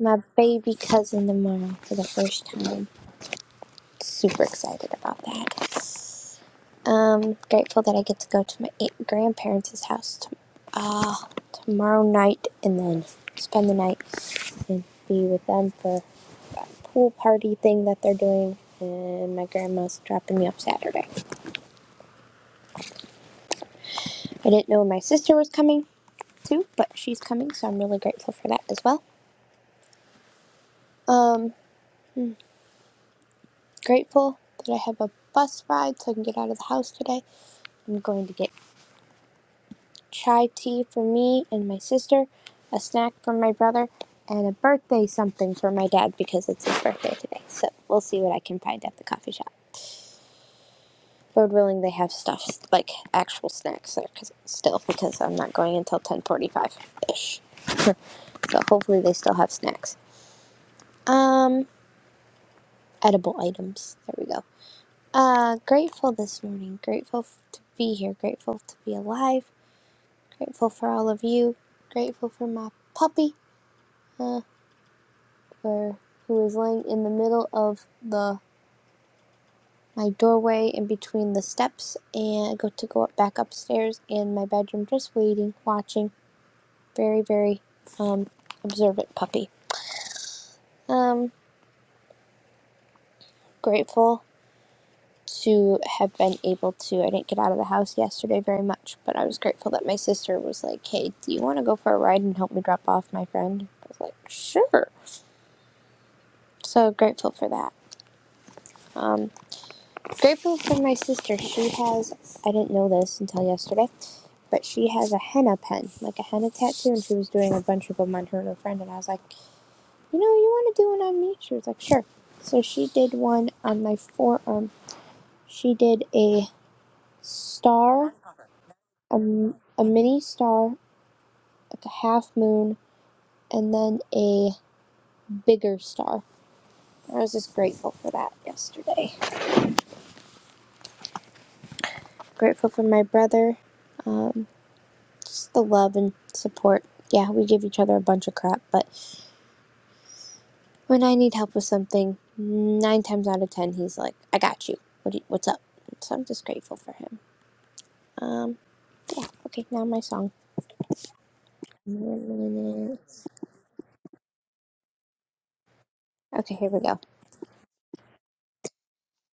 S11: my baby cousin tomorrow for the first time. Super excited about that. Um, grateful that I get to go to my aunt, grandparents' house to, uh, tomorrow night and then spend the night and be with them for a pool party thing that they're doing. And my grandma's dropping me off Saturday. I didn't know my sister was coming too, but she's coming, so I'm really grateful for that as well. Um, grateful that I have a bus ride so I can get out of the house today. I'm going to get chai tea for me and my sister, a snack for my brother, and a birthday something for my dad because it's his birthday today. So we'll see what I can find at the coffee shop. Lord willing, they have stuff like actual snacks there, because still because I'm not going until 10:45 ish. So hopefully they still have snacks. Um, edible items. There we go. Uh, grateful this morning. Grateful to be here. Grateful to be alive Grateful for all of you. Grateful for my puppy, uh, or who is laying in the middle of the my doorway in between the steps, and I go to go up back upstairs in my bedroom, just waiting, watching. Very, very um, observant puppy. Um, grateful to have been able to. I didn't get out of the house yesterday very much, but I was grateful that my sister was like, "Hey, do you want to go for a ride and help me drop off my friend?" I was like, "Sure." So grateful for that. Um. Grateful for my sister. She has, I didn't know this until yesterday, but she has a henna pen, like a henna tattoo, and she was doing a bunch of them on her and her friend. And I was like, you know, you want to do one on me? She was like, sure. So she did one on my forearm. She did a star, a a mini star, like a half moon, and then a bigger star. I was just grateful for that yesterday. Grateful for my brother. Um, Just the love and support. Yeah, we give each other a bunch of crap, but when I need help with something, nine times out of ten, he's like, "I got you. What do you, what's up?" So I'm just grateful for him. Um, yeah. Okay, now my song. Okay, here we go.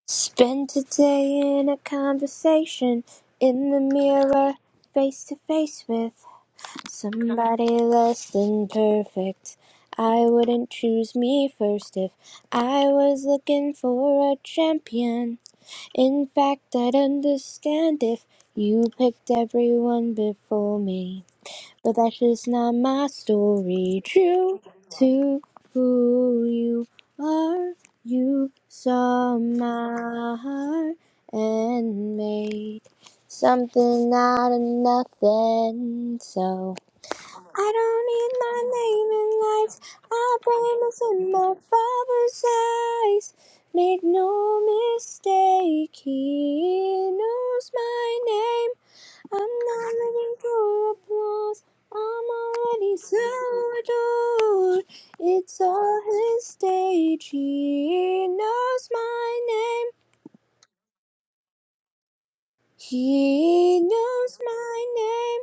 S11: Spend today in a conversation in the mirror, face to face with. Somebody less than perfect. I wouldn't choose me first if I was looking for a champion. In fact, I'd understand if you picked everyone before me. But that's just not my story. True to who you are, you saw my heart and made something out of nothing. So. I don't need my name in lights. I promise in my father's eyes. Make no mistake, he knows my name. I'm not looking for applause. I'm already so adored. It's all his stage. He knows my name. He knows my name.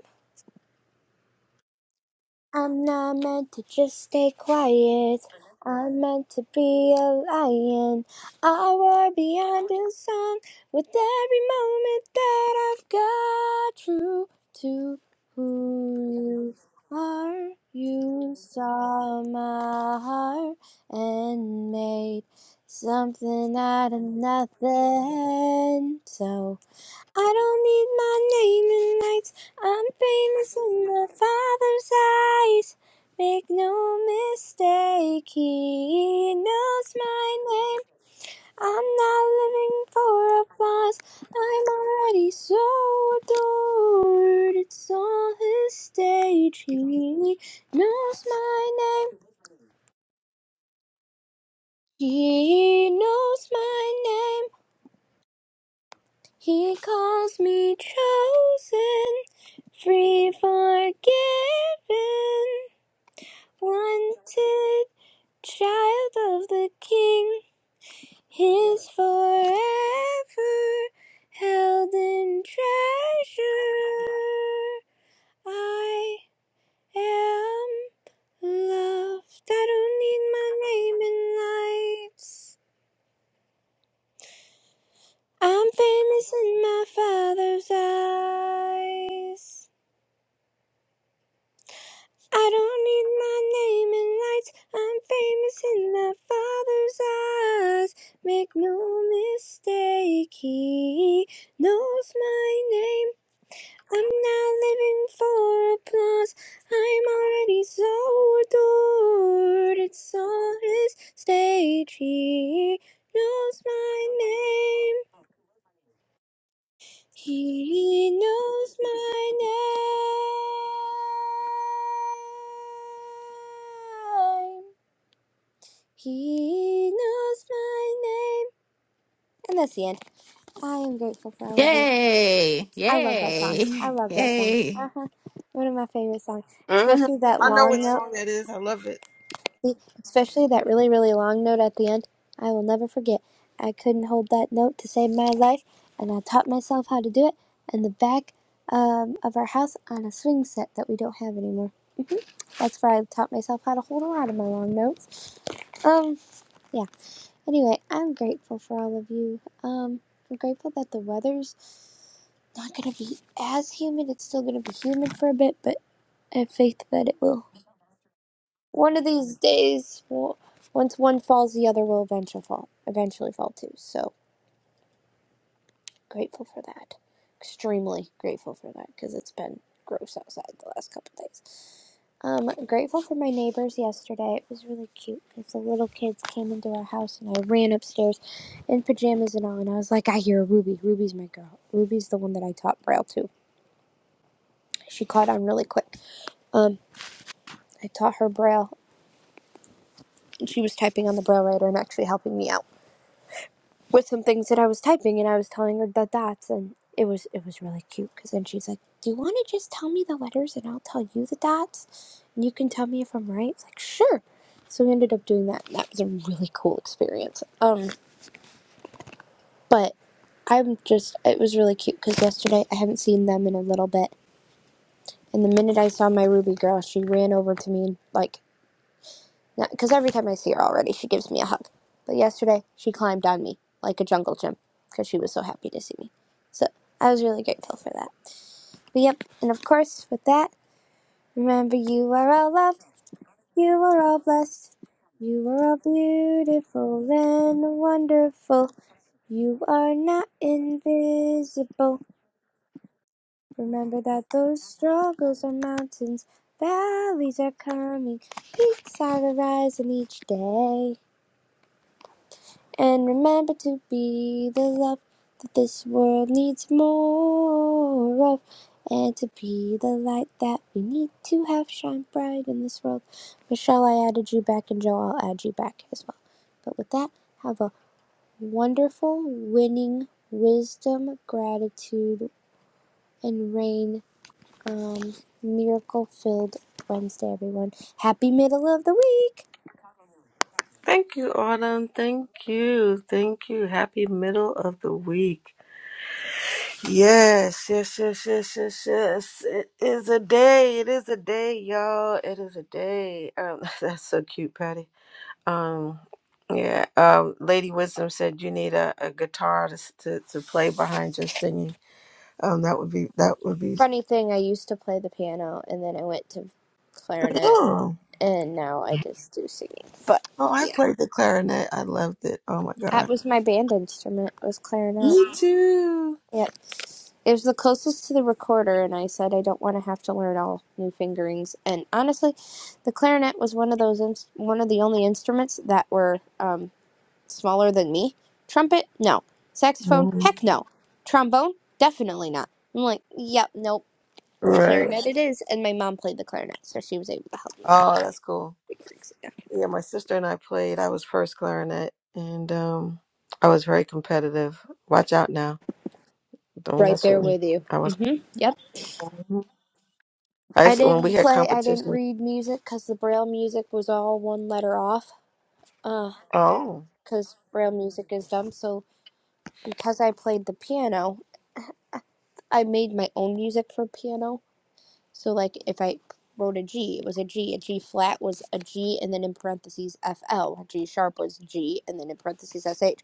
S11: I'm not meant to just stay quiet. I'm meant to be a lion. I roar beyond the sun with every moment that I've got. True to who you are, you saw my heart and made something out of nothing. So. I don't need my name in lights. I'm famous in my father's eyes. Make no mistake, he knows my name. I'm not living for applause. I'm already so adored. It's all his stage. He knows my name. He knows my name. He calls me chosen, free, forgiven, wanted, child of the King. His forever held in treasure. I am loved. I don't need my name in lights. I'm famous in my Father's eyes. I don't need my name in lights. I'm famous in my father's eyes. Make no mistake, he knows my name. I'm not living for applause. I'm already so adored. It's all his stage. He knows my name. He knows my name. He knows my name. And that's the end. I am grateful for all of you.
S12: Yay!
S11: I love that song. I
S12: Yay!
S11: love that song.
S12: Yay!
S11: Uh-huh. One of my favorite songs.
S2: Mhm.
S11: Especially that
S2: i know
S11: long
S2: what
S11: note.
S2: song that is i love it
S11: The- especially that really, really long note at the end. I will never forget. I couldn't hold that note to save my life, and I taught myself how to do it in the back um, of our house on a swing set that we don't have anymore. That's where I taught myself how to hold a lot of my long notes. Um, yeah. Anyway, I'm grateful for all of you. Um, I'm grateful that the weather's not gonna be as humid. It's still gonna be humid for a bit, but I have faith that it will One of these days, well, once one falls, the other will eventually fall. Eventually fall too. So grateful for that. Extremely grateful for that because it's been gross outside the last couple of days. Um, grateful for my neighbors yesterday. It was really cute because the little kids came into our house and I ran upstairs in pajamas and all, and I was like, I hear Ruby. Ruby's my girl. Ruby's the one that I taught Braille to. She caught on really quick. Um, I taught her Braille, and she was typing on the Braille writer and actually helping me out. with some things that I was typing, and I was telling her the dots, and it was it was really cute. Because then she's like, "Do you want to just tell me the letters, and I'll tell you the dots, and you can tell me if I'm right?" It's like, "Sure." So we ended up doing that, and that was a really cool experience. Um, but I'm just it was really cute because yesterday I haven't seen them in a little bit, and the minute I saw my Ruby girl, she ran over to me and like Because every time I see her already, she gives me a hug. But yesterday, she climbed on me like a jungle gym because she was so happy to see me. So I was really grateful for that. But yep, and of course, with that, remember you are all loved, you are all blessed, you are all beautiful and wonderful. You are not invisible. Remember that those struggles are mountains, valleys are coming, peaks are arising each day. And remember to be the love that this world needs more of. And to be the light that we need to have shine bright in this world. Michelle, I added you back, and Joe, I'll add you back as well. But with that, have a wonderful, winning, wisdom, gratitude, and rain, um, miracle filled Wednesday, everyone. Happy middle of the week!
S2: thank you autumn thank you thank you happy middle of the week yes yes yes yes yes yes it is a day it is a day y'all it is a day um, that's so cute patty Um, yeah. Um, Lady Wisdom said you need a, a guitar to, s- to to play behind your singing. Um, that would be that would be.
S11: Funny thing, I used to play the piano and then I went to clarinet
S2: Oh,
S11: and now I just do singing. But
S2: oh, I
S11: yeah,
S2: played the clarinet. I loved it. Oh my
S11: that
S2: god.
S11: was my band instrument was clarinet.
S2: Me too.
S11: Yep, it was the closest to the recorder, and I said I don't want to have to learn all new fingerings. And honestly, the clarinet was one of those ins- one of the only instruments that were um, smaller than me. Trumpet, no. Saxophone,
S2: Mhm.
S11: heck no. Trombone, definitely not. I'm like, yep, nope.
S2: Right.
S11: Clarinet it is, and my mom played the clarinet, so she was able to help me
S2: Oh, that's cool.
S11: fix it.
S2: Yeah, my sister and I played. I was first clarinet, and um, I was very competitive. Watch out now! Don't
S11: Right
S2: mess
S11: there
S2: with me.
S11: with you.
S2: I was.
S11: Mhm. Yep.
S2: I
S11: I
S2: used, when we
S11: didn't
S2: had
S11: play. I didn't
S2: competition.
S11: read music because the Braille music was all one letter off. Uh,
S2: Oh.
S11: because Braille music is dumb. So because I played the piano, I made my own music for piano. So like if I wrote a G, it was a G. A G flat was a G, and then in parentheses F L. A G sharp was G, and then in parentheses SH.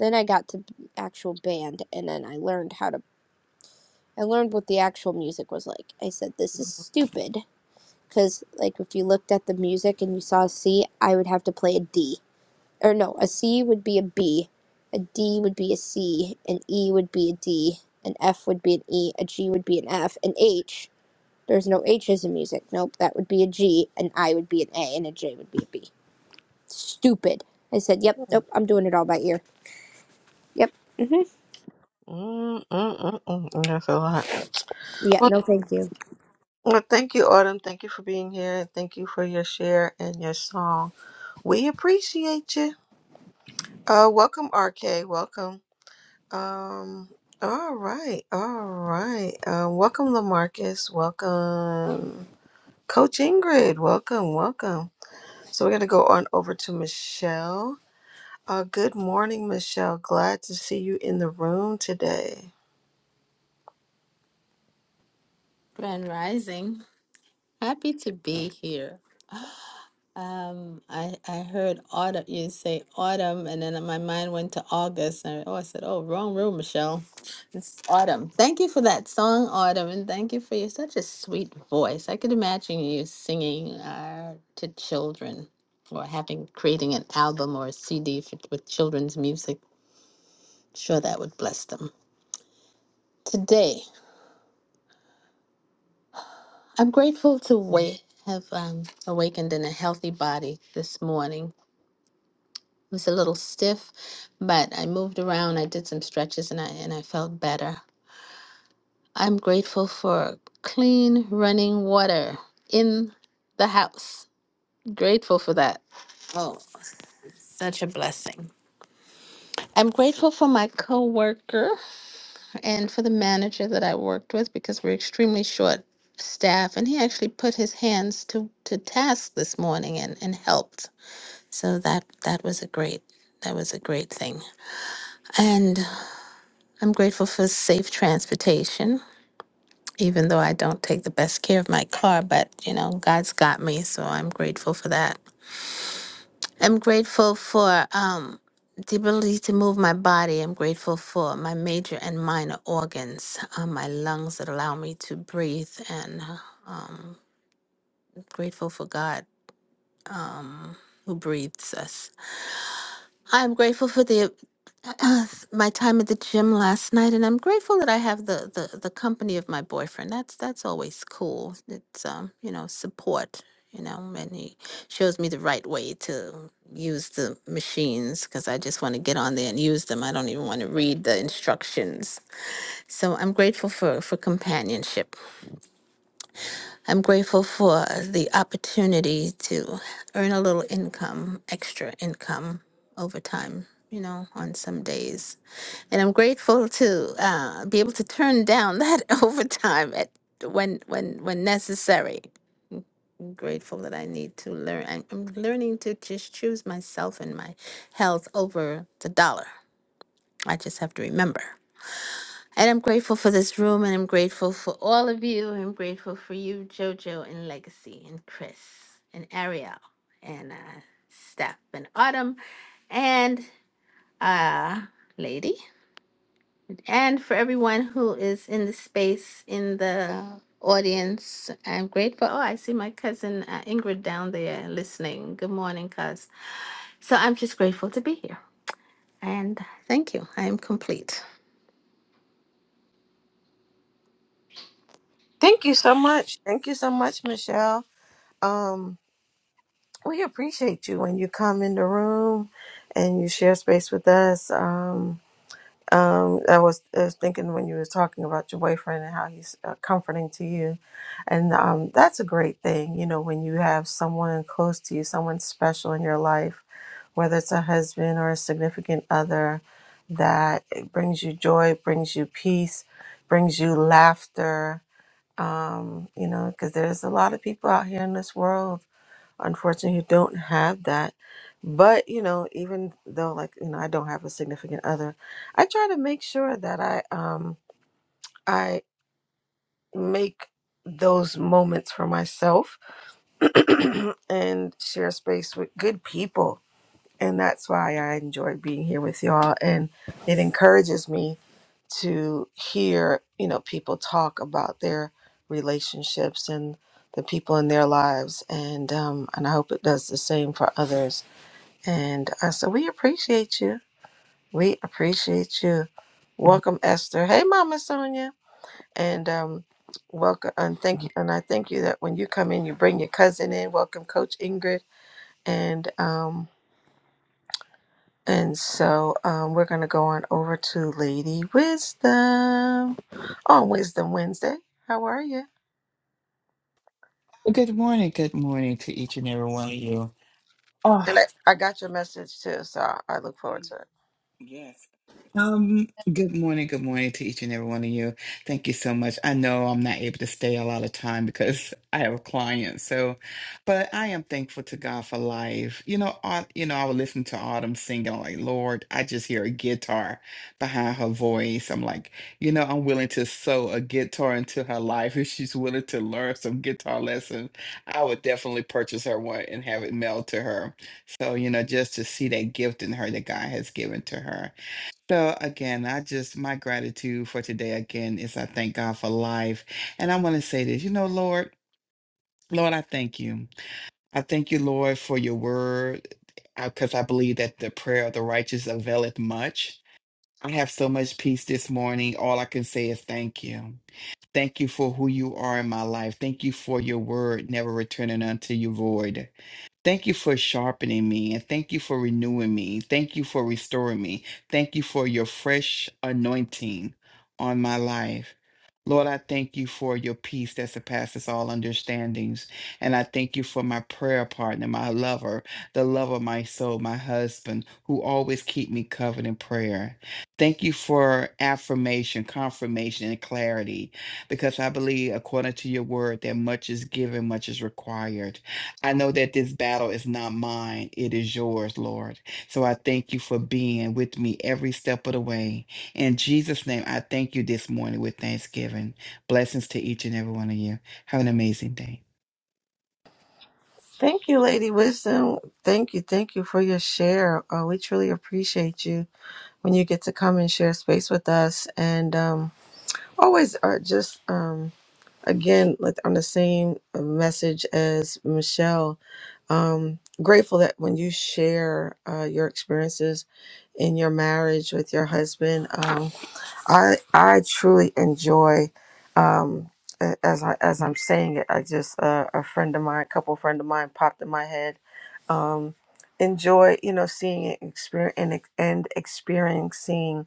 S11: Then I got to actual band, and then I learned how to. I learned what the actual music was like. I said, "This is
S2: Mhm.
S11: stupid." because like if you looked at the music and you saw a C, I would have to play a D. Or no, a C would be a B, a D would be a C, an E would be a D, an F would be an E, a G would be an F, an H. There's no H's in music. Nope, that would be a G, an I would be an A, and a J would be a B. Stupid. I said, yep, nope, I'm doing it all by ear. Yep, mm-hmm.
S2: Mm, mm, mm, mm, mm. That's a lot.
S11: Yeah, no thank you.
S2: Well, thank you, Autumn. Thank you for being here. and Thank you for your share and your song. We appreciate you. Uh, welcome, RK. Welcome. Um, all right, all right. Um, welcome, Lamarcus. Welcome, Coach Ingrid. Welcome, welcome. So we're gonna go on over to Michelle. Uh, good morning, Michelle. Glad to see you in the room today.
S12: Grand Rising. Happy to be here. Um, I I heard autumn. You say autumn, and then my mind went to August. And oh, I said, oh, wrong room, Michelle. It's autumn. Thank you for that song, Autumn, and thank you for your such a sweet voice. I could imagine you singing uh, to children, or having creating an album or a CD for, with children's music. Sure, that would bless them. Today. I'm grateful to wake, have um, awakened in a healthy body this morning. It was a little stiff, but I moved around. I did some stretches, and I and I felt better. I'm grateful for clean running water in the house. Grateful for that. Oh, such a blessing. I'm grateful for my coworker and for the manager that I worked with because we're extremely short staff and he actually put his hands to to task this morning and and helped So that that was a great that was a great thing. And I'm grateful for safe transportation, even though I don't take the best care of my car, but you know, God's got me, so I'm grateful for that. I'm grateful for um the ability to move my body. I'm grateful for my major and minor organs, um, my lungs that allow me to breathe, and uh, um, grateful for God um, who breathes us. I'm grateful for the uh, my time at the gym last night, and I'm grateful that I have the the, the company of my boyfriend. That's that's always cool. It's um you know support. You know, and he shows me the right way to use the machines because I just want to get on there and use them. I don't even want to read the instructions. So I'm grateful for for companionship. I'm grateful for the opportunity to earn a little income, extra income over time, you know, on some days. And I'm grateful to uh, be able to turn down that overtime at when when when necessary. I'm grateful that I need to learn. I'm, I'm learning to just choose myself and my health over the dollar. I just have to remember. And I'm grateful for this room, and I'm grateful for all of you. I'm grateful for you, Jojo, and Legacy, and Chris, and Ariel, and uh, Steph, and Autumn, and uh, Lady, and for everyone who is in the space in the audience. I'm grateful. Oh, I see my cousin uh, Ingrid down there listening. Good morning, cuz. So I'm just grateful to be here, and thank you. I am complete.
S2: Thank you so much. Thank you so much, Michelle. Um. We appreciate you when you come in the room and you share space with us. Um, um, I was I was thinking when you were talking about your boyfriend and how he's uh, comforting to you, and um, that's a great thing. You know, when you have someone close to you, someone special in your life, whether it's a husband or a significant other, that it brings you joy, brings you peace, brings you laughter. Um, you know, because there's a lot of people out here in this world unfortunately who don't have that but you know even though like you know i don't have a significant other i try to make sure that i um i make those moments for myself and share space with good people and that's why i enjoy being here with y'all and it encourages me to hear you know people talk about their relationships and the people in their lives and um and i hope it does the same for others And I said, we appreciate you. We appreciate you. Welcome, Esther. Hey, Mama Sonia. And um, welcome and thank you. And I thank you that when you come in, you bring your cousin in. Welcome, Coach Ingrid. And um, and so um, we're gonna go on over to Lady Wisdom on Wisdom Wednesday. How are you?
S13: Well, Good morning, good morning to each and every one of you.
S2: And
S13: Oh,
S2: I, I got your message too, so I, I look forward to it.
S13: Yes. Um, good morning, good morning to each and every one of you. Thank you so much. I know I'm not able to stay a lot of time because I have a client. So, but I am thankful to God for life. You know, I, you know, I would listen to Autumn singing I'm like, Lord, I just hear a guitar behind her voice. I'm like, you know, I'm willing to sew a guitar into her life. If she's willing to learn some guitar lessons, I would definitely purchase her one and have it mailed to her. So, you know, just to see that gift in her that God has given to her. So, again, I just, my gratitude for today, again, is I thank God for life. And I want to say this, you know, Lord, Lord, I thank you. I thank you, Lord, for your word, because I believe that the prayer of the righteous availeth much. I have so much peace this morning. All I can say is thank you. Thank you for who you are in my life. Thank you for your word, never returning unto you void. Thank you for sharpening me and thank you for renewing me. Thank you for restoring me. Thank you for your fresh anointing on my life. Lord, I thank you for your peace that surpasses all understandings. And I thank you for my prayer partner, my lover, the love of my soul, my husband, who always keep me covered in prayer. Thank you for affirmation, confirmation, and clarity, because I believe, according to your word, that much is given, much is required. I know that this battle is not mine, it is yours, Lord. So I thank you for being with me every step of the way. In Jesus' name, I thank you this morning with thanksgiving. Blessings to each and every one of you. Have an amazing day.
S2: Thank you, Lady Wisdom. Thank you, thank you for your share. Uh, we truly appreciate you when you get to come and share space with us and um, always are just um, again like on the same message as michelle um, grateful that when you share uh, your experiences in your marriage with your husband um, I I truly enjoy um a- as I as I'm saying it, I just uh, a friend of mine, couple friend of mine popped in my head. Um enjoy, you know, seeing it experience and, ex- and experiencing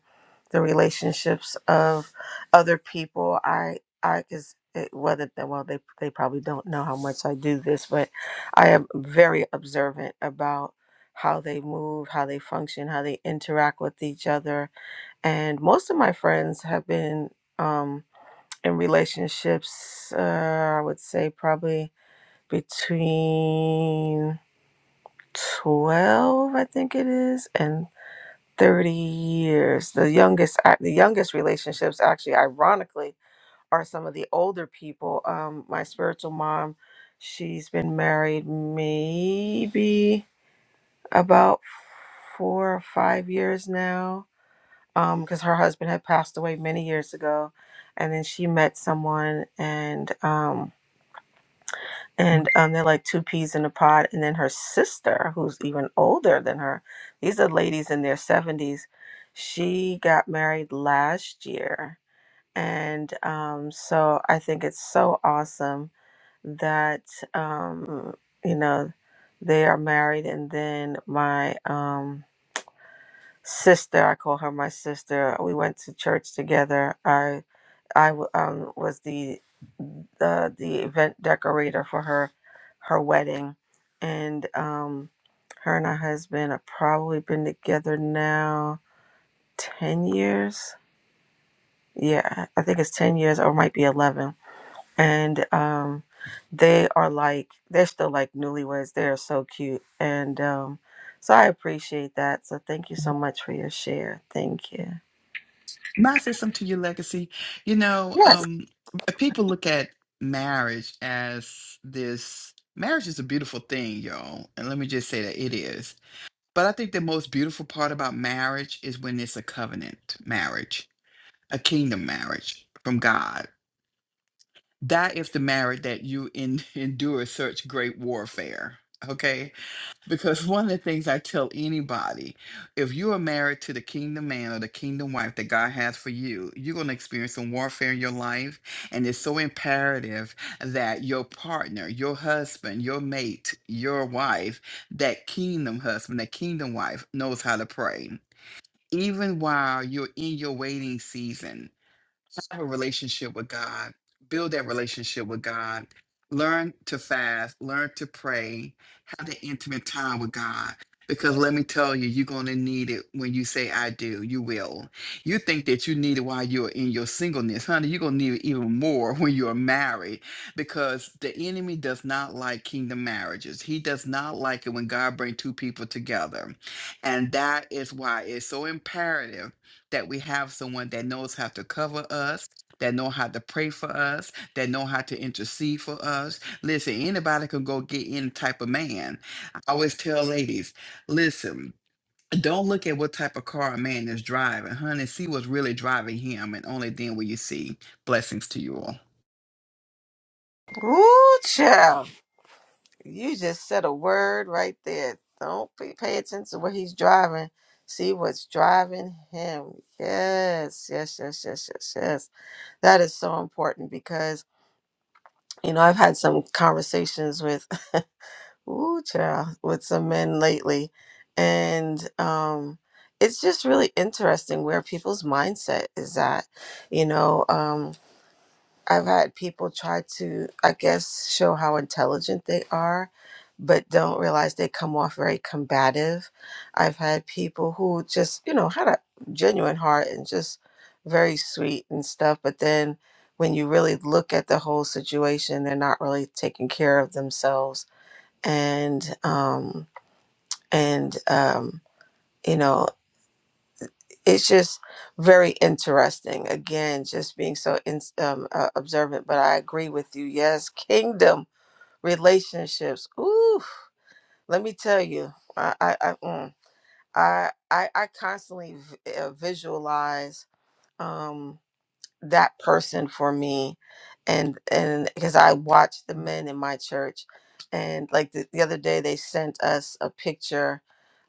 S2: the relationships of other people. I I cuz whether they- well they they probably don't know how much I do this, but I am very observant about how they move, how they function, how they interact with each other, and most of my friends have been um, in relationships uh, i would say probably between 12 i think it is and 30 years the youngest the youngest relationships actually ironically are some of the older people um, my spiritual mom she's been married maybe about four or five years now um because her husband had passed away many years ago and then she met someone and um and um they're like two peas in a pod and then her sister who's even older than her these are ladies in their 70s she got married last year and um so i think it's so awesome that um you know they are married and then my um sister i call her my sister we went to church together i I w- um, was the the the event decorator for her her wedding, and um, her and her husband have probably been together now ten years. Yeah, I think it's ten years, or it might be eleven. And um, they are like they're still like newlyweds. They are so cute, and um, so I appreciate that. So thank you so much for your share. Thank you.
S13: May I say something to your legacy? You know, um, people look at marriage as this marriage is a beautiful thing, y'all. And let me just say that it is. But I think the most beautiful part about marriage is when it's a covenant marriage a kingdom marriage from God. That is the marriage that you in, endure such great warfare. Okay. Because one of the things I tell anybody, if you are married to the kingdom man or the kingdom wife that God has for you, you're going to experience some warfare in your life. And it's so imperative that your partner, your husband, your mate, your wife, that kingdom husband, that kingdom wife knows how to pray. Even while you're in your waiting season, have a relationship with God, build that relationship with God, learn to fast, learn to pray, have that intimate time with God. Because let me tell you, you're going to need it when you say, I do. You will. You think that you need it while you're in your singleness. Honey, you're going to need it even more when you're married because the enemy does not like kingdom marriages. He does not like it when God brings two people together. And that is why it's so imperative that we have someone that knows how to cover us that know how to pray for us that know how to intercede for us listen anybody can go get any type of man i always tell ladies listen don't look at what type of car a man is driving honey see what's really driving him and only then will you see blessings to you all
S2: Ooh, child. You just said a word right there. Don't be, pay attention to what he's driving. See what's driving him. Yes, yes, yes, yes, yes, yes. That is so important because you know I've had some conversations with ooh child with some men lately, and um, it's just really interesting where people's mindset is at. You know, um, I've had people try to, I guess, show how intelligent they are, but don't realize they come off very combative. I've had people who just, you know, had a genuine heart and just very sweet and stuff, but then when you really look at the whole situation, they're not really taking care of themselves and um and um you know it's just very interesting again just being so in, um, uh, observant but i agree with you yes kingdom relationships ooh let me tell you i i i mm, I, I I constantly v- uh, visualize um that person for me and and because i watch the men in my church and like the, the other day they sent us a picture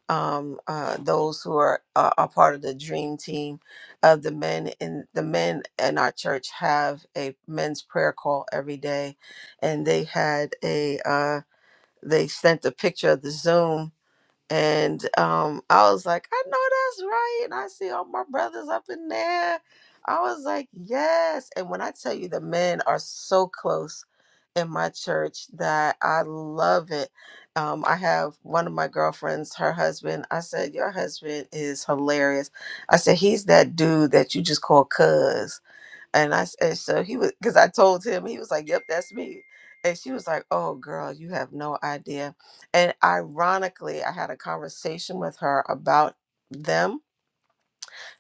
S2: um, uh, those who are uh, are part of the dream team of the men in the men in our church have a men's prayer call every day, and they had a uh, they sent a picture of the Zoom and um, I was like, I know that's right. And I see all my brothers up in there. I was like, yes. And when I tell you the men are so close in my church that I love it. Um, I have one of my girlfriends, her husband. I said, Your husband is hilarious. I said, He's that dude that you just call cuz. And I s- and so he was because I told him he was like, "Yep, that's me." And she was like, "Oh, girl, you have no idea." And ironically, I had a conversation with her about them,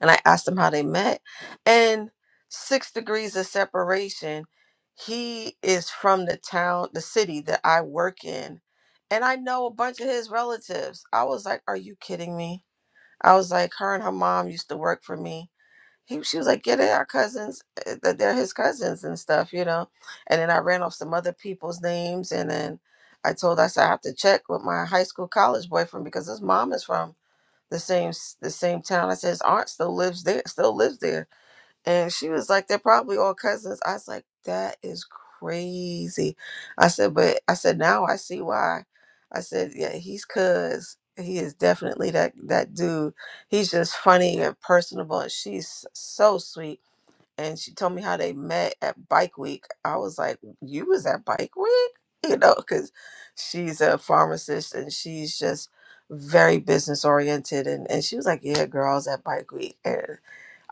S2: and I asked them how they met, and six degrees of separation. He is from the town, the city that I work in, and I know a bunch of his relatives. I was like, "Are you kidding me?" I was like, "Her and her mom used to work for me." he, she was like, yeah, they are cousins, uh, that they're his cousins and stuff, you know. And then I ran off some other people's names, and then I told her, I said I have to check with my high school college boyfriend because his mom is from the same s- the same town. I said his aunt still lives there, still lives there. And she was like, they're probably all cousins. I was like, that is crazy. I said, but I said, now I see why. I said, yeah, he's cuz. He is definitely that that dude. He's just funny and personable, and she's so sweet. And she told me how they met at Bike Week. I was like, you was at Bike Week, you know, because she's a pharmacist and she's just very business oriented. And and she was like, yeah, girl, I was at Bike Week.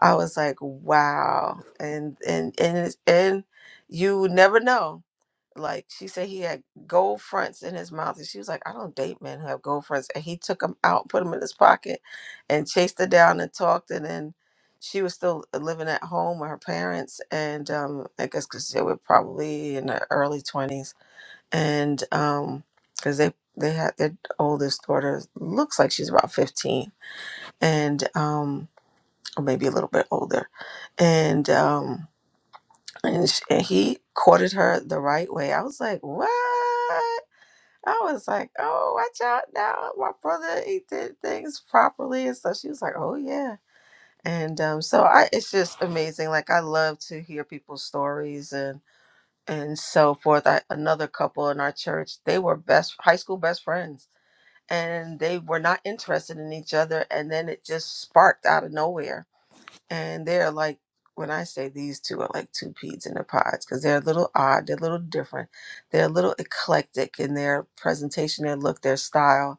S2: I was like, wow. And and and it's- and you never know. Like she said he had gold fronts in his mouth and she was like, I don't date men who have gold fronts. And he took them out, put them in his pocket and chased her down and talked and then she was still living at home with her parents and um I guess cuz they were probably in the early 20s and um cuz they they had their oldest daughter looks like she's about 15 and um or maybe a little bit older, and um, and, sh- and he courted her the right way. I was like, what? I was like, oh, watch out now, my brother. He did things properly, and so she was like, oh yeah. And um, so I, it's just amazing. Like I love to hear people's stories and and so forth. I, another couple in our church, they were best high school best friends, and they were not interested in each other, and then it just sparked out of nowhere and they're like when I say these two are like two peas in a pod because they're a little odd, they're a little different, they're a little eclectic in their presentation, their look, their style,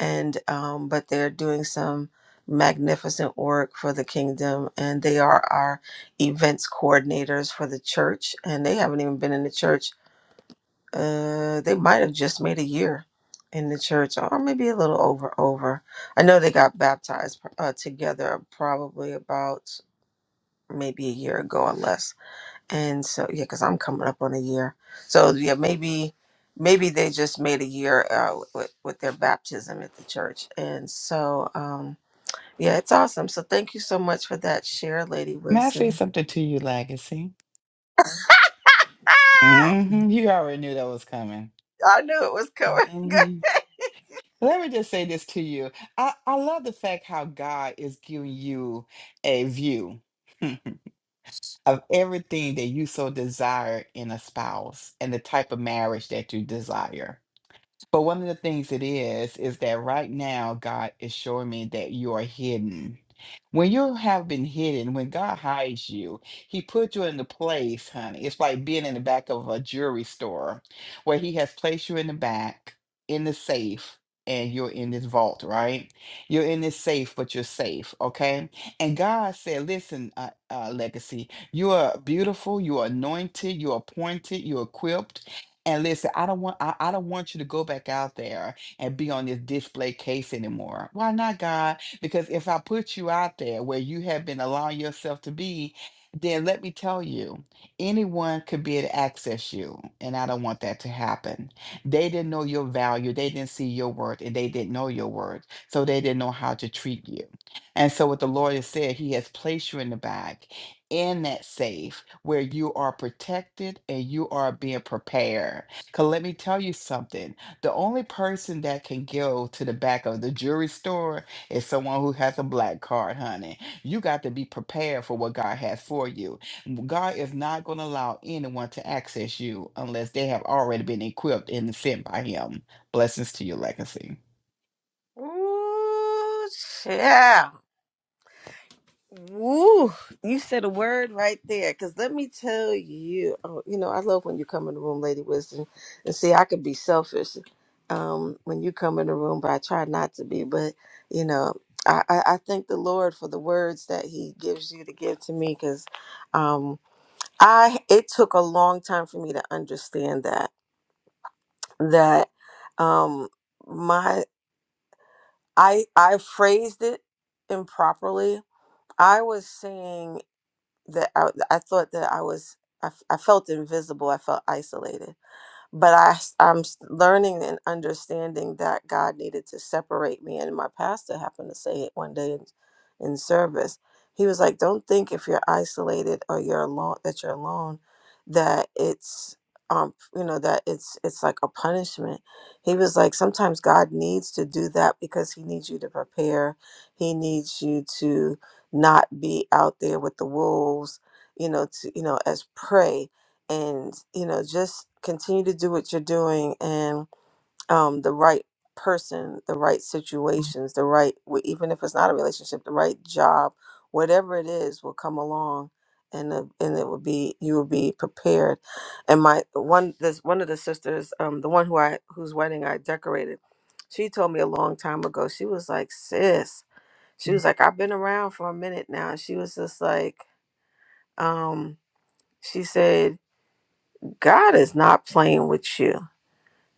S2: and um, but they're doing some magnificent work for the kingdom, and they are our events coordinators for the church, and they haven't even been in the church. Uh, they might have just made a year in the church, or maybe a little over. Over, I know they got baptized uh, together probably about maybe a year ago or less. And so, yeah, because I'm coming up on a year. So, yeah, maybe maybe they just made a year uh, with, with their baptism at the church. And so, um, yeah, it's awesome. So, thank you so much for that share, Lady
S13: may i say
S2: Wisdom.
S13: something to you legacy
S2: Ah!
S13: hmm you already knew that was coming
S2: I knew it was coming.
S13: Let me just say this to you. I, I love the fact how God is giving you a view of everything that you so desire in a spouse and the type of marriage that you desire. But one of the things it is, is that right now God is showing me that you are hidden. When you have been hidden, when God hides you, He put you in the place, honey. It's like being in the back of a jewelry store where He has placed you in the back, in the safe, and you're in this vault, right? You're in this safe, but you're safe, okay? And God said, Listen, uh, uh, Legacy, you are beautiful, you are anointed, you are appointed, you are equipped. And listen, I don't want I, I don't want you to go back out there and be on this display case anymore. Why not, God? Because if I put you out there where you have been allowing yourself to be, then let me tell you, anyone could be able to access you. And I don't want that to happen. They didn't know your value, they didn't see your worth, and they didn't know your worth. So they didn't know how to treat you. And so what the Lord has said, He has placed you in the bag in that safe where you are protected and you are being prepared. Because let me tell you something the only person that can go to the back of the jewelry store is someone who has a black card, honey. You got to be prepared for what God has for you. God is not going to allow anyone to access you unless they have already been equipped and sent by Him. Blessings to your legacy.
S2: Ooh, yeah. Woo! You said a word right there. Cause let me tell you, oh, you know, I love when you come in the room, Lady Wisdom. And see, I could be selfish um, when you come in the room, but I try not to be. But you know, I, I, I thank the Lord for the words that He gives you to give to me, cause um, I it took a long time for me to understand that that um, my I I phrased it improperly. I was saying. that I, I thought that I was I, f- I felt invisible. I felt isolated but I, am learning and understanding that God needed to separate me. And my pastor happened to say it one day in, in service. He was like, "Don't think if you're isolated or you're alone that you're alone, that it's um you know that it's it's like a punishment." He was like, "Sometimes God needs to do that because He needs you to prepare. He needs you to not be out there with the wolves, you know, to you know as prey." and you know just continue to do what you're doing and um the right person the right situations the right w- even if it's not a relationship the right job whatever it is will come along and the, and it will be you will be prepared and my one this one of the sisters um the one who I whose wedding I decorated she told me a long time ago she was like sis she was like I've been around for a minute now and she was just like um she said God is not playing with you.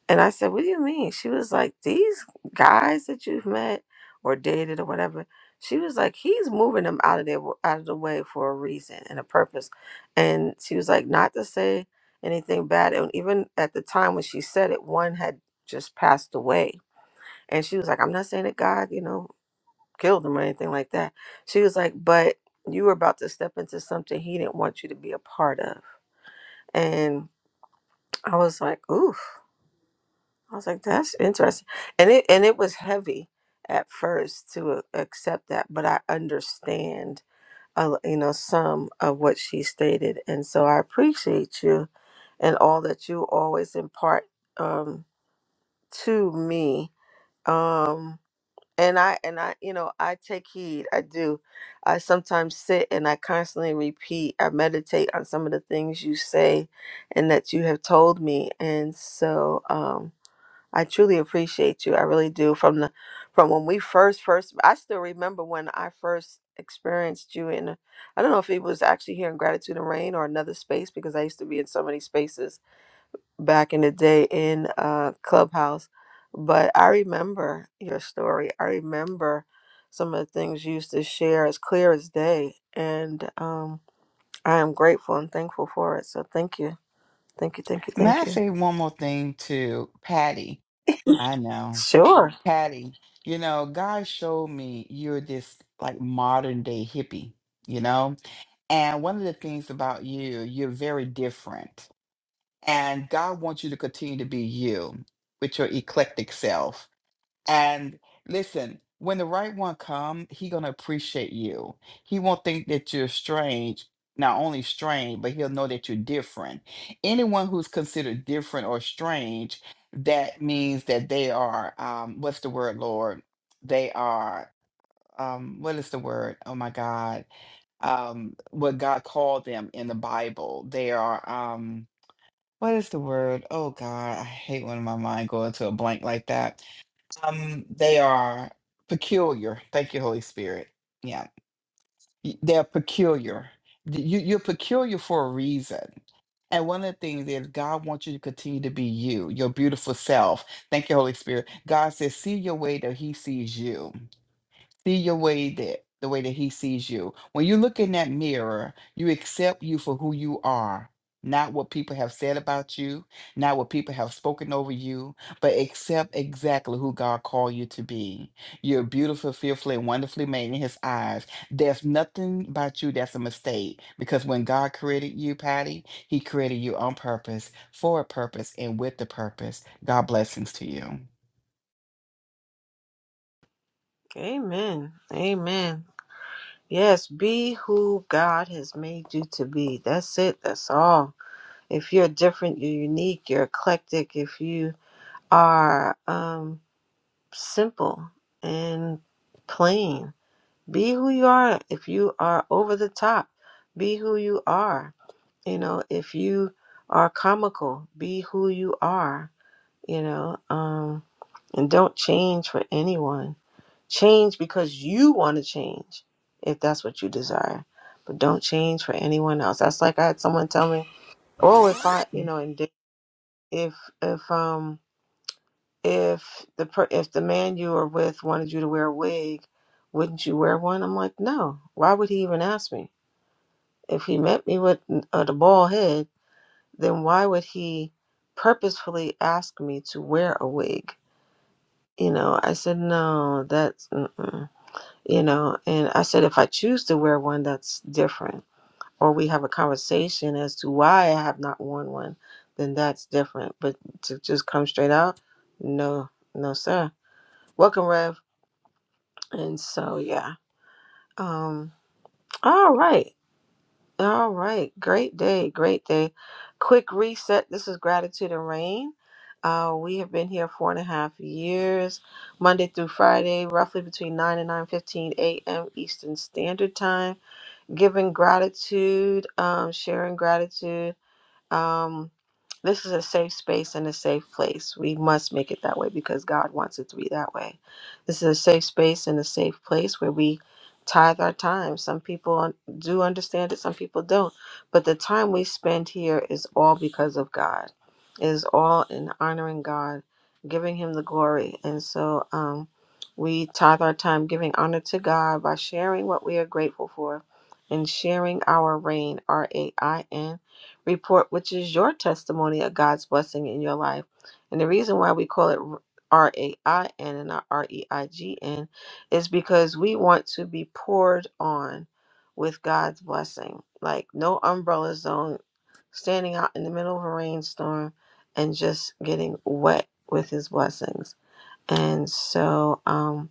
S2: And I said, What do you mean? She was like, These guys that you've met or dated or whatever, she was like, He's moving them out of there out of the way for a reason and a purpose. And she was like, not to say anything bad. And even at the time when she said it, one had just passed away. And she was like, I'm not saying that God, you know, killed him or anything like that. She was like, But you were about to step into something he didn't want you to be a part of. And I was like, "Oof." I was like, that's interesting. And it and it was heavy at first to a- accept that, but I understand a l you know some of what she stated. And so I appreciate you and all that you always impart um to me. Um and I and I you know I take heed. I do. I sometimes sit and I constantly repeat. I meditate on some of the things you say and that you have told me. And so um I truly appreciate you. I really do. From the from when we first first I still remember when I first experienced you in I don't know if it was actually here in Gratitude and Rain or another space because I used to be in so many spaces back in the day in uh Clubhouse. But I remember your story. I remember some of the things you used to share as clear as day. And um I am grateful and thankful for it. So thank you. Thank you, thank you,
S13: May
S2: thank
S13: I
S2: you.
S13: say one more thing to Patty? I know.
S2: Sure.
S13: Patty, you know, God showed me you're this like modern day hippie, you know? And one of the things about you, you're very different. And God wants you to continue to be you with your eclectic self and listen, when the right one come, he gonna appreciate you. He won't think that you're strange, not only strange, but he'll know that you're different. Anyone who's considered different or strange, that means that they are um, what's the word, Lord? They are um, what is the word? Oh my God. Um, what God called them in the Bible. They are um what is the word? Oh God, I hate when my mind go into a blank like that um, they are peculiar. Thank you, Holy Spirit. Yeah, Y- they're peculiar. D- You, you're peculiar for a reason. And one of the things is God wants you to continue to be you, your beautiful self. Thank you, Holy Spirit. God says, see your way that He sees you see your way that the way that he sees you. When you look in that mirror, you accept you for who you are, not what people have said about you, not what people have spoken over you, but accept exactly who God called you to be. You're beautiful, fearfully, and wonderfully made in his eyes. There's nothing about you that's a mistake because when God created you, Patty, he created you on purpose, for a purpose, and with the purpose. God blessings to you.
S2: Amen. Amen. Yes, be who God has made you to be. That's it. That's all. If you're different, you're unique, you're eclectic, if you are um, simple and plain, be who you are. If you are over the top, be who you are. You know, if you are comical, be who you are, you know, um, and don't change for anyone Change because you want to change, if that's what you desire. But don't change for anyone else. That's like I had someone tell me, "Oh, if I, you know, and if if um if the per- if the man you were with wanted you to wear a wig, wouldn't you wear one?" I'm like, "No. Why would he even ask me? If he met me with uh, the bald head, then why would he purposefully ask me to wear a wig?" You know, I said, "No, that's." Mm-mm. you know and i said if i choose to wear one that's different or we have a conversation as to why i have not worn one then that's different but to just come straight out no no sir welcome rev and so yeah um all right all right great day great day quick reset this is gratitude and rain uh, we have been here four and a half years monday through friday roughly between 9 and 9.15 a.m eastern standard time giving gratitude, um, sharing gratitude. Um, this is a safe space and a safe place. We must make it that way because God wants it to be that way. This is a safe space and a safe place where we tithe our time. Some people un- do understand it, some people don't. But the time we spend here is all because of God, it is all in honoring God, giving Him the glory. And so um, we tithe our time giving honor to God by sharing what we are grateful for and sharing our rain. R A I N report, which is your testimony of God's blessing in your life. And the reason why we call it R A I N and not R E I G N is because we want to be poured on with God's blessing. Like no umbrella zone, standing out in the middle of a rainstorm and just getting wet with his blessings. And so um,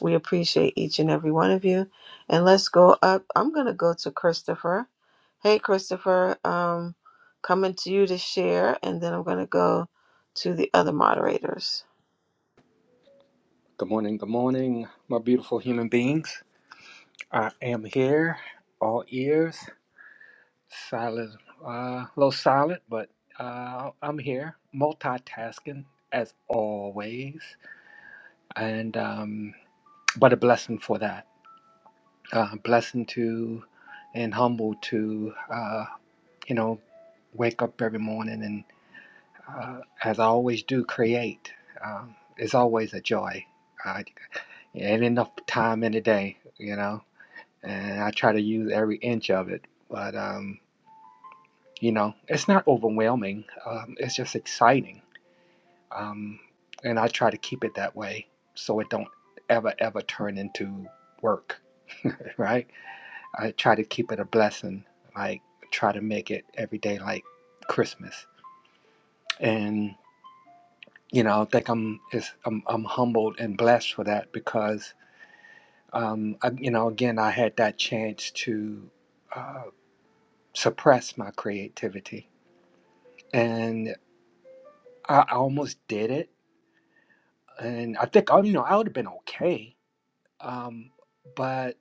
S2: we appreciate each and every one of you. And let's go up. I'm going to go to Christopher. Hey, Christopher, um, coming to you to share. And then I'm going to go to the other moderators.
S14: Good morning, good morning, my beautiful human beings. I am here, all ears, silent, uh, a uh, little silent, but uh, I'm here, multitasking as always, and um, but a blessing for that. Uh, blessing to and humble to, uh, you know, wake up every morning and, uh, as I always do, create. Um, it's always a joy. I, ain't enough time in the day, you know and I try to use every inch of it. But um, you know, it's not overwhelming. Um, it's just exciting, um, and I try to keep it that way so it don't ever ever turn into work. Right? I try to keep it a blessing. Like try to make it every day like Christmas, and you know, I think I'm it's, I'm, I'm humbled and blessed for that because um, I, you know, again, I had that chance to uh, suppress my creativity and I, I almost did it, and I think I you know I would have been okay, um, but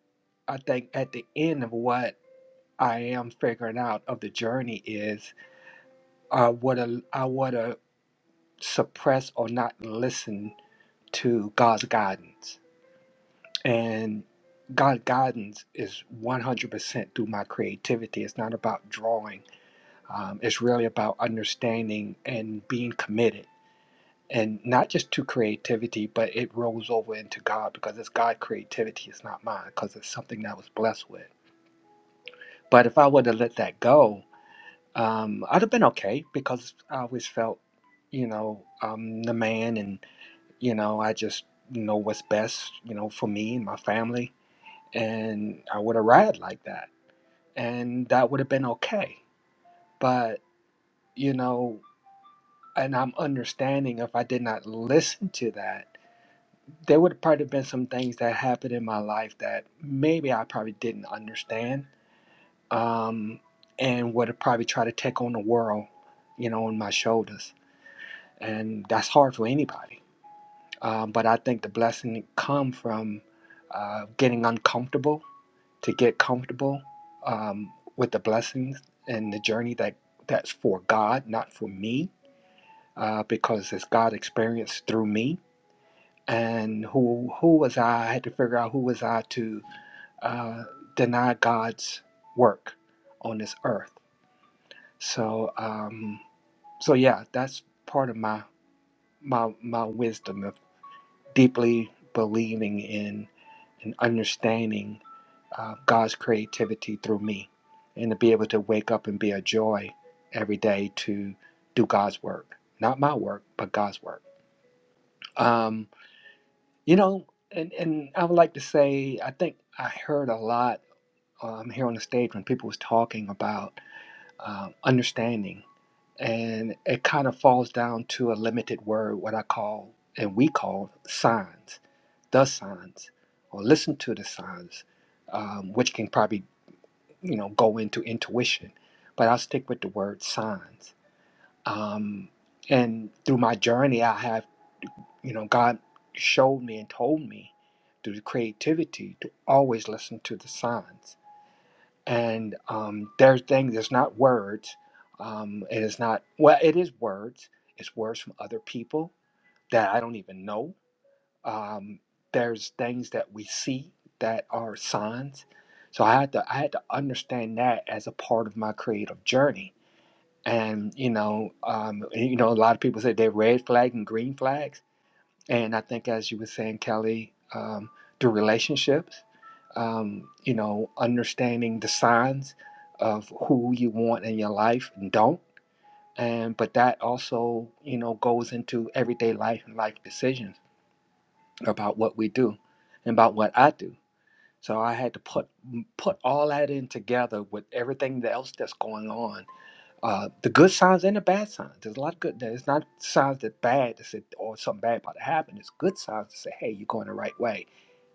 S14: I think at the end of what I am figuring out of the journey is I would have I would have suppressed or not listened to God's guidance, and God's guidance is one hundred percent through my creativity. It's not about drawing. Um, it's really about understanding and being committed and not just to creativity, but it rolls over into God because it's God creativity. It's not mine because it's something that I was blessed with. But if I would have let that go, um, I'd have been okay because I always felt, you know, I'm the man, and you know, I just know what's best, you know, for me and my family, and I would have ride like that, and that would have been okay. But you know, and I'm understanding if I did not listen to that there would have probably been some things that happened in my life that maybe I probably didn't understand, um, and would have probably tried to take on the world, you know, on my shoulders, and that's hard for anybody. Um, but I think the blessing come from uh, getting uncomfortable to get comfortable um, with the blessings and the journey that that's for God, not for me, uh, because it's God experience through me. And who who was I? I had to figure out who was I to uh, deny God's work on this earth. So, um, so yeah, that's part of my my my wisdom of deeply believing in and understanding uh, God's creativity through me, and to be able to wake up and be a joy every day to do God's work, not my work, but God's work. Um, you know, and and I would like to say, I think I heard a lot um, here on the stage when people was talking about um, understanding. And it kind of falls down to a limited word, what I call, and we call signs, the signs, or listen to the signs, um, which can probably, you know, go into intuition. But I'll stick with the word signs. Um, and through my journey, I have, you know, God showed me and told me through the creativity to always listen to the signs and um, their thing is not words. Um, it is not well. It is words. It's words from other people that I don't even know. Um, there's things that we see that are signs. So I had to I had to understand that as a part of my creative journey. And you know, um, you know, a lot of people say they're red flag and green flags and I think, as you were saying, Kelly, um, through relationships, um, you know, understanding the signs of who you want in your life and don't. And but that also, you know, goes into everyday life and life decisions about what we do and about what I do. So I had to put put all that in together with everything else that's going on uh, the good signs and the bad signs. There's a lot of good. There's not signs that bad to say, or something bad about to happen. It's good signs to say, hey, you're going the right way.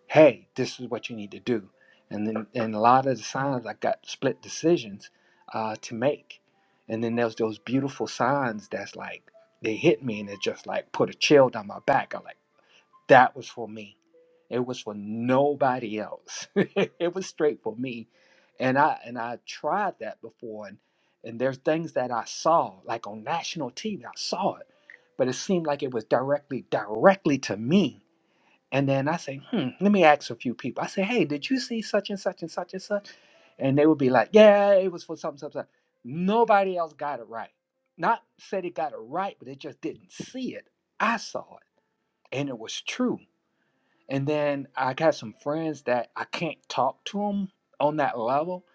S14: Hey, this is what you need to do. And then, and a lot of the signs I got split decisions uh, to make. And then there's those beautiful signs that's like they hit me and it just like put a chill down my back. I'm like. That was for me. It was for nobody else. it was straight for me. And I and I tried that before and and there's things that I saw like on national TV. I saw it, but it seemed like it was directly directly to me. And then I say, hmm, let me ask a few people. I say, hey, did you see such and such and such and such? And they would be like, yeah, it was for something, something. something." Nobody else got it right. Not said it got it right, but they just didn't see it. I saw it, and it was true and then I got some friends that I can't talk to them on that level,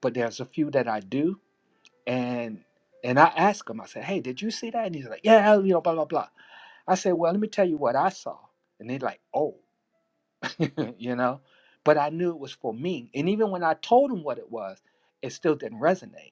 S14: but there's a few that I do. And and I ask them, I said, hey, did you see that? And he's like, yeah, you know, blah, blah, blah. I said, well, let me tell you what I saw. And they're like, oh, you know, but I knew it was for me. And even when I told them what it was, it still didn't resonate.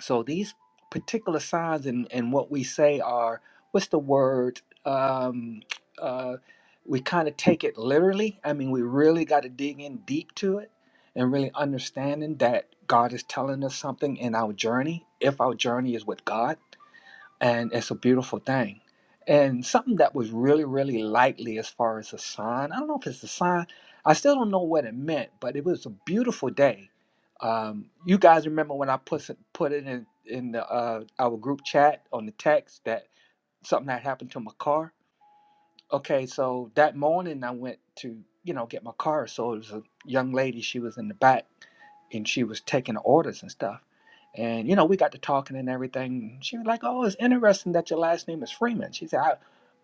S14: So these particular signs and, and what we say are what's the word? Um, uh, we kind of take it literally. I mean, we really got to dig in deep to it and really understanding that God is telling us something in our journey, if our journey is with God and it's a beautiful thing. And something that was really, really likely as far as a sign. I don't know if it's a sign. I still don't know what it meant, but it was a beautiful day. Um, you guys remember when I put it- put it in in the, uh, our group chat on the text that something had happened to my car? Okay, so that morning I went to, you know, get my car. So it was a young lady, she was in the back and she was taking orders and stuff. And, you know, we got to talking and everything. She was like, Oh, it's interesting that your last name is Freeman. She said, I,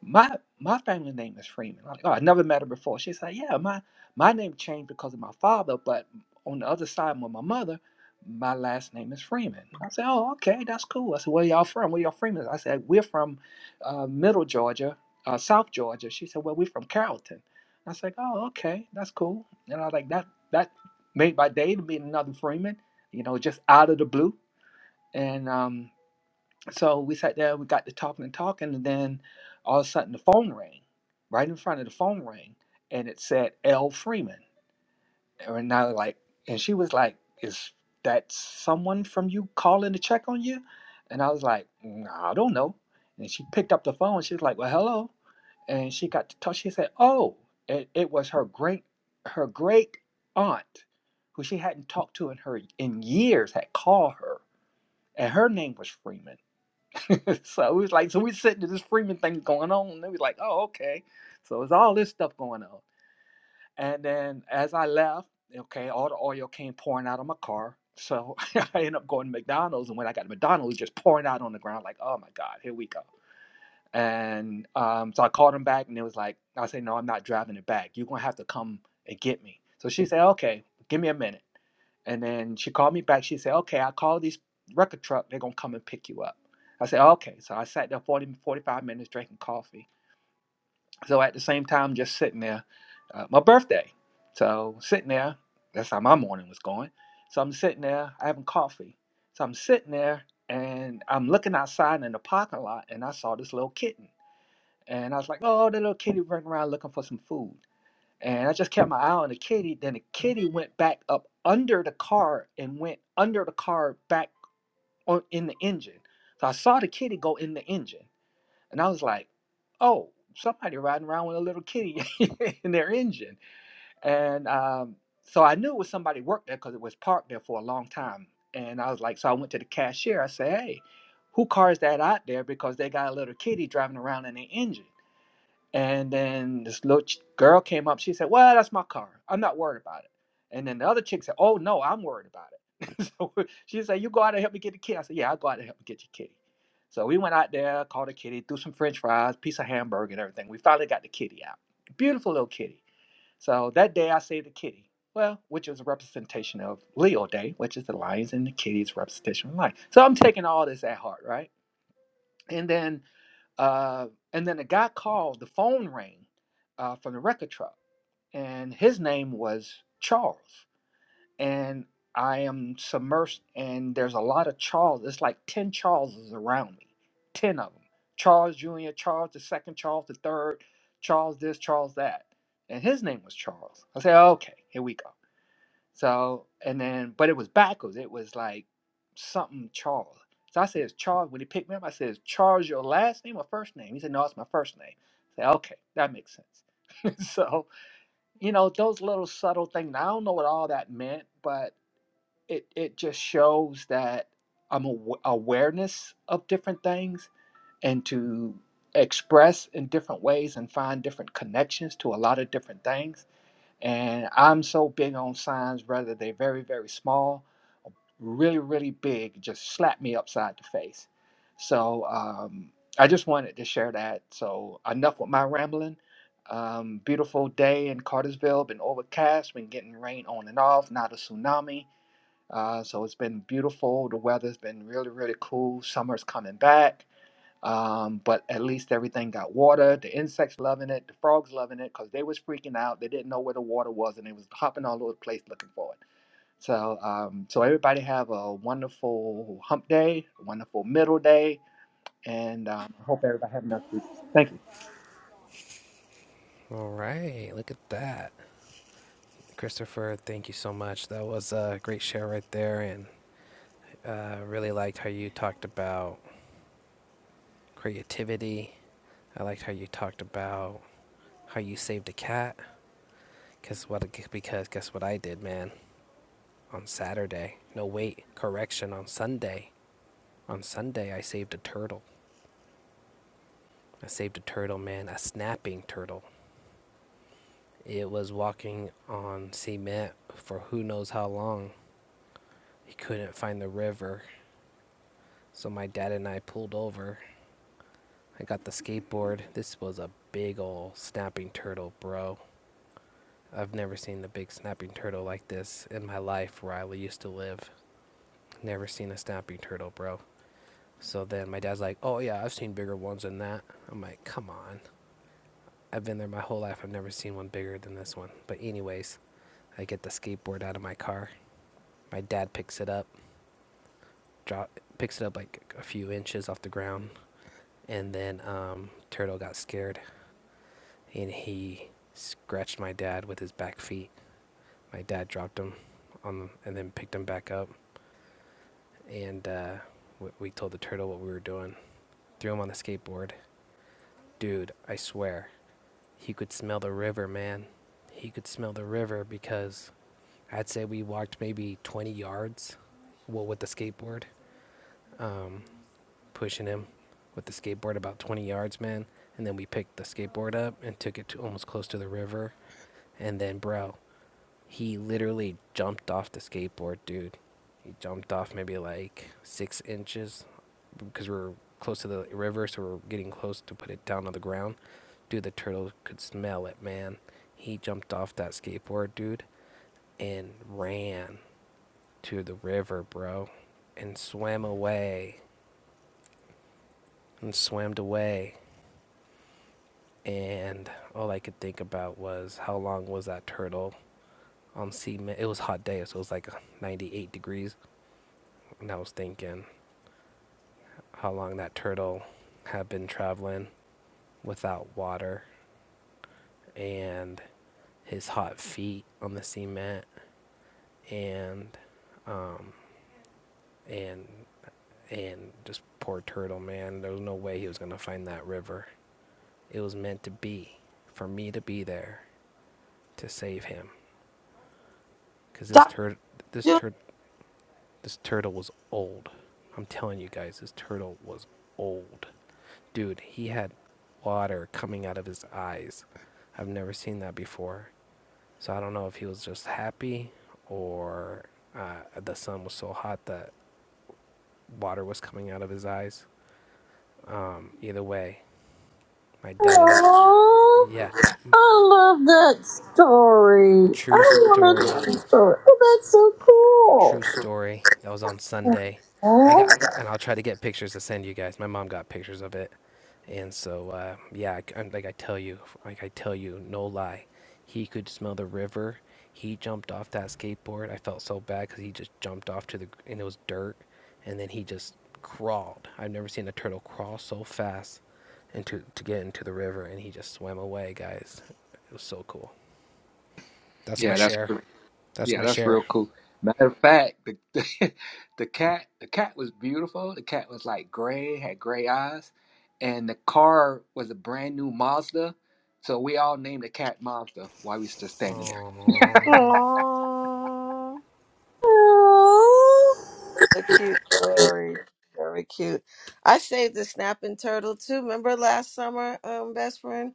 S14: my my family name is Freeman. I'm like, oh, I never met her before. She said, Yeah, my my name changed because of my father, but on the other side with my mother, my last name is Freeman. I said, Oh, okay, that's cool. I said, Where y'all from? Where y'all Freeman? I said, We're from uh, middle Georgia uh, South Georgia. She said, "Well, we're from Carrollton." I was like, "Oh, okay, that's cool." And I was like, "That that made my day to meet another Freeman, you know, just out of the blue." And um, so we sat there, we got to talking and talking, and then all of a sudden the phone rang, right in front of the phone rang, and it said L Freeman or now like and she was like is that someone from you calling to check on you and i was like "Mm, i don't know and she picked up the phone she was like well hello and she got to talk she said oh it, it was her great her great aunt who she hadn't talked to in her in years had called her and her name was freeman so it was like so we sitting to this freeman thing going on and it was like oh okay so it's all this stuff going on and then as I left, okay, all the oil came pouring out of my car. So I ended up going to McDonald's. And when I got to McDonald's, it was just pouring out on the ground, like, oh my God, here we go. And um, so I called him back and it was like, I said, no, I'm not driving it back. You're going to have to come and get me. So she said, okay, give me a minute. And then she called me back. She said, okay, I called these record truck. They're going to come and pick you up. I said, okay. So I sat there 40, 45 minutes drinking coffee. So at the same time, just sitting there, uh, my birthday. So sitting there, that's how my morning was going. So I'm sitting there, I having coffee. So I'm sitting there and I'm looking outside in the parking lot and I saw this little kitten. And I was like, oh, the little kitty running around looking for some food. And I just kept my eye on the kitty. Then the kitty went back up under the car and went under the car back on in the engine. So I saw the kitty go in the engine. And I was like, oh, somebody riding around with a little kitty in their engine. And um, so I knew it was somebody worked there because it was parked there for a long time. And I was like, so I went to the cashier. I said, hey, who car is that out there? Because they got a little kitty driving around in their engine. And then this little ch- girl came up. She said, "Well, that's my car. I'm not worried about it." And then the other chick said, "Oh no, I'm worried about it." so she said, "You go out and help me get the kitty." I said, "Yeah, I'll go out and help me get your kitty." So we went out there, caught a kitty, threw some French fries, piece of hamburger, and everything. We finally got the kitty out. Beautiful little kitty. So that day I saved the kitty. Well, which is a representation of Leo Day, which is the lions and the kitties' representation of life. So I'm taking all this at heart, right? And then uh, and then a guy called, the phone rang uh, from the record truck, and his name was Charles. And I am submersed, and there's a lot of Charles. It's like 10 Charleses around me, 10 of them. Charles Jr., Charles the second, Charles the third, Charles this, Charles that. And his name was Charles. I said, okay, here we go. So and then, but it was backwards. It was like something Charles. So I says Charles. When he picked me up, I says Charles, your last name or first name? He said, No, it's my first name. I said, Okay, that makes sense. so you know those little subtle things. I don't know what all that meant, but it it just shows that I'm aw- awareness of different things and to express in different ways and find different connections to a lot of different things. And I'm so big on signs, whether they're very, very small really, really big, just slapped me upside the face. So um, I just wanted to share that. So enough with my rambling. Um, beautiful day in Cartersville, been overcast, been getting rain on and off, not a tsunami. Uh, so it's been beautiful. The weather's been really, really cool. Summer's coming back. Um, but at least everything got water. The insects loving it, the frogs loving it, because they was freaking out. They didn't know where the water was and they was hopping all over the place looking for it. So, um, so everybody have a wonderful hump day, wonderful middle day, and um, I hope everybody have enough food. Thank you.
S9: All right, look at that. Christopher, thank you so much. That was a great share right there and uh, really liked how you talked about creativity I liked how you talked about how you saved a cat. Cause what? Because guess what I did, man? On Saturday. No, wait. Correction. On Sunday. On Sunday, I saved a turtle. I saved a turtle, man. A snapping turtle. It was walking on cement for who knows how long. He couldn't find the river. So my dad and I pulled over. I got the skateboard. This was a big old snapping turtle, bro. I've never seen the big snapping turtle like this in my life where I used to live. Never seen a snapping turtle, bro. So then my dad's like, oh yeah, I've seen bigger ones than that. I'm like, come on. I've been there my whole life. I've never seen one bigger than this one. But anyways, I get the skateboard out of my car. My dad picks it up, drop, picks it up like a few inches off the ground, and then um, turtle got scared and he scratched my dad with his back feet. My dad dropped him on the, and then picked him back up, and uh, we, we told the turtle what we were doing. Threw him on the skateboard, Dude, I swear, he could smell the river, man. He could smell the river because I'd say we walked maybe 20 yards, well, with the skateboard, um, pushing him with the skateboard about 20 yards, man. And then we picked the skateboard up and took it to almost close to the river. And then, bro, he literally jumped off the skateboard, dude. He jumped off maybe like six inches because we were close to the river, so we were getting close to put it down on the ground. Dude, the turtle could smell it, man. He jumped off that skateboard, dude, and ran to the river, bro, and swam away and swam away. And all I could think about was how long was that turtle on sea? It was a hot day, so it was like 98 degrees. And I was thinking, how long that turtle had been traveling without water and his hot feet on the cement and and and just poor turtle man there was no way he was going to find that river it was meant to be for me to be there to save him cuz this
S2: Dr.
S9: tur this
S2: June.
S9: tur this turtle was old i'm telling you guys this turtle was old dude he had water coming out of his eyes i've never seen that before So I don't know if he was just happy or uh, the sun was so hot that water was coming out of his eyes. Either way, my dad and yeah,
S1: I love that story. I
S9: true
S1: want to
S9: story.
S1: tell the story. Oh, that's so cool.
S9: True story. That was on Sunday. I got,
S1: Aw.
S9: and I'll try to get pictures to send you guys. My mom got pictures of it, and so uh, yeah, I, am like I tell you, like I tell you, no lie, he could smell the river. He jumped off that skateboard. I felt so bad because he just jumped off to the and it was dirt, and then he just crawled. I've never seen a turtle crawl so fast into to get into the river, and he just swam away, guys. It was so cool. That's my
S14: Yeah, that's
S9: share.
S14: re-
S9: That's
S14: yeah,
S9: my
S14: that's
S9: share.
S14: real cool. Matter of fact, the, the cat the cat was beautiful. The cat was like gray, had gray eyes, and the car was a brand new Mazda. So we all named the cat Mazda while we still standing there.
S9: Oh.
S2: Aw, The cute story. Very cute. I saved the snapping turtle too. Remember last summer, um, best friend?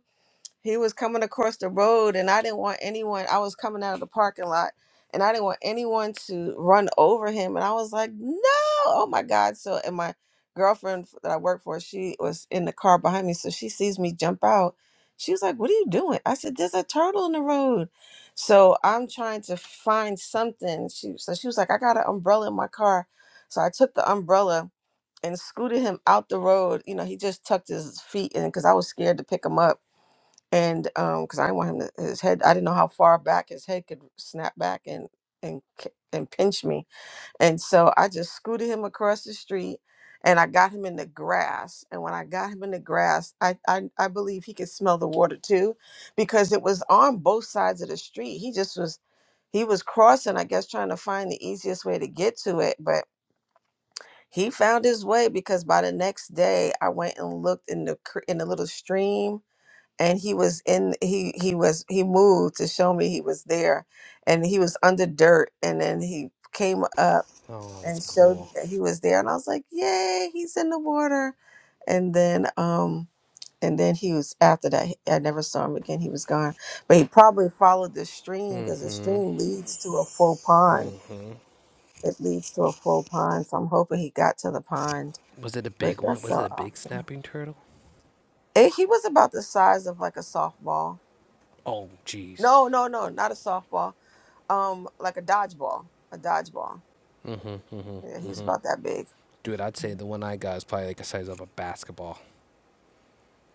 S2: he was coming across the road and I didn't want anyone I was coming out of the parking lot and I didn't want anyone to run over him and I was like, "No! Oh my god." So and my girlfriend f- that I work for, she was in the car behind me, so she sees me jump out. She was like, "What are you doing?" I said, "There's a turtle in the road." So I'm trying to find something. She so she was like, "I got an umbrella in my car." So I took the umbrella and scooted him out the road. You know, he just tucked his feet in because I was scared to pick him up and um because i didn't want him to his head i didn't know how far back his head could snap back and and k- and pinch me and so i just scooted him across the street and i got him in the grass and when i got him in the grass i i, I believe he could smell the water too because it was on both sides of the street he just was he was crossing i guess trying to find the easiest way to get to it but he found his way because by the next day i went and looked in the cr- in the little stream and he was in he he was he moved to show me he was there and he was under dirt and then he came up
S9: Oh, that's
S2: and showed me
S9: cool.
S2: that he was there and I was like yay he's in the water and then um and then he was after that he- I never saw him again he was gone but he probably followed the stream because the
S9: Mm-hmm.
S2: stream leads to a full pond
S9: Mm-hmm.
S2: it leads to a full pond so I'm hoping he got to the pond
S9: Was it a
S2: but
S9: big one?
S2: that's
S9: Was it
S2: so
S9: a big
S2: awesome
S9: snapping turtle?
S2: and he was about the size of like a softball
S9: Oh, jeez.
S2: no no no not a softball um like a dodgeball, a dodgeball.
S9: Mm-hmm.
S2: Yeah, he
S9: Mm-hmm.
S2: was
S9: Mm-hmm.
S2: about that big.
S9: Dude, I'd say
S2: Mhm.
S9: the one I got is probably like the size of a basketball.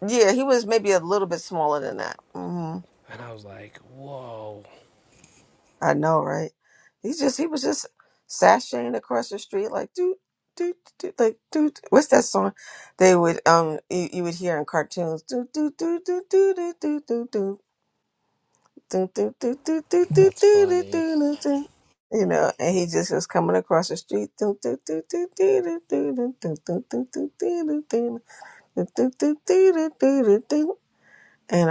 S2: Yeah, he was maybe a little bit smaller than that. hmm
S9: And I was like, whoa.
S2: I know, right? He's just he was just sashaying across the street like dude, dude, dude, like dude. What's that song? They would um you, you would hear in cartoons. Do do do do do do do do do do do do do do do do
S9: That's
S2: do
S9: funny.
S2: do. You know, and he just was coming across the street. And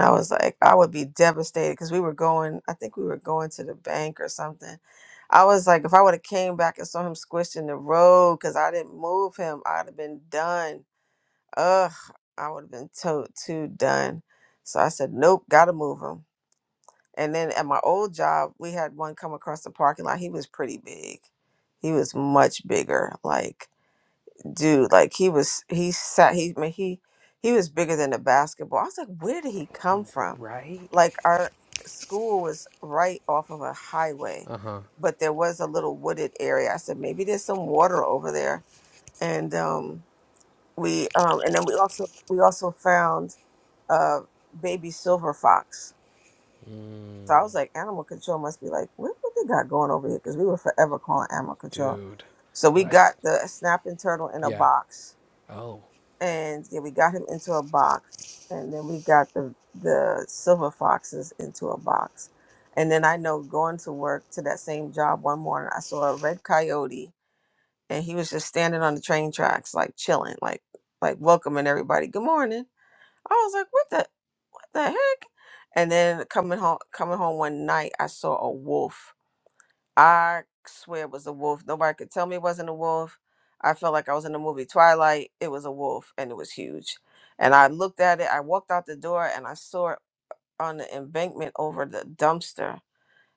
S2: I was like, I would be devastated because we were going, I think we were going to the bank or something. I was like, if I would have came back and saw him squished in the road because I didn't move him, I'd have been done. Ugh, I would have been to- too done. So I said, nope, gotta move him. And then at my old job, we had one come across the parking lot. He was pretty big. He was much bigger. Like, dude like he was he sat he I mean, he he was bigger than a basketball i was like where did he come from
S9: Right?
S2: like our school was right off of a highway
S9: Uh-huh.
S2: but there was a little wooded area i said maybe there's some water over there and um we um and then we also we also found uh baby silver fox so i was like animal control must be like what what they got going over here because we were forever calling animal control
S9: Dude.
S2: so
S9: Oh,
S2: we
S9: I,
S2: got the snapping turtle in a
S9: yeah.
S2: box
S9: Oh.
S2: and yeah, we got him into a box, and then we got the the silver foxes into a box, and then I know going to work to that same job one morning, I saw a red coyote, and he was just standing on the train tracks, like chilling, like like welcoming everybody. Good morning. I was like, what the what the heck? And then coming home coming home one night, I saw a wolf I swear it was a wolf. Nobody could tell me it wasn't a wolf. I felt like I was in the movie Twilight. It was a wolf and it was huge. And I looked at it. I walked out the door and I saw it on the embankment over the dumpster.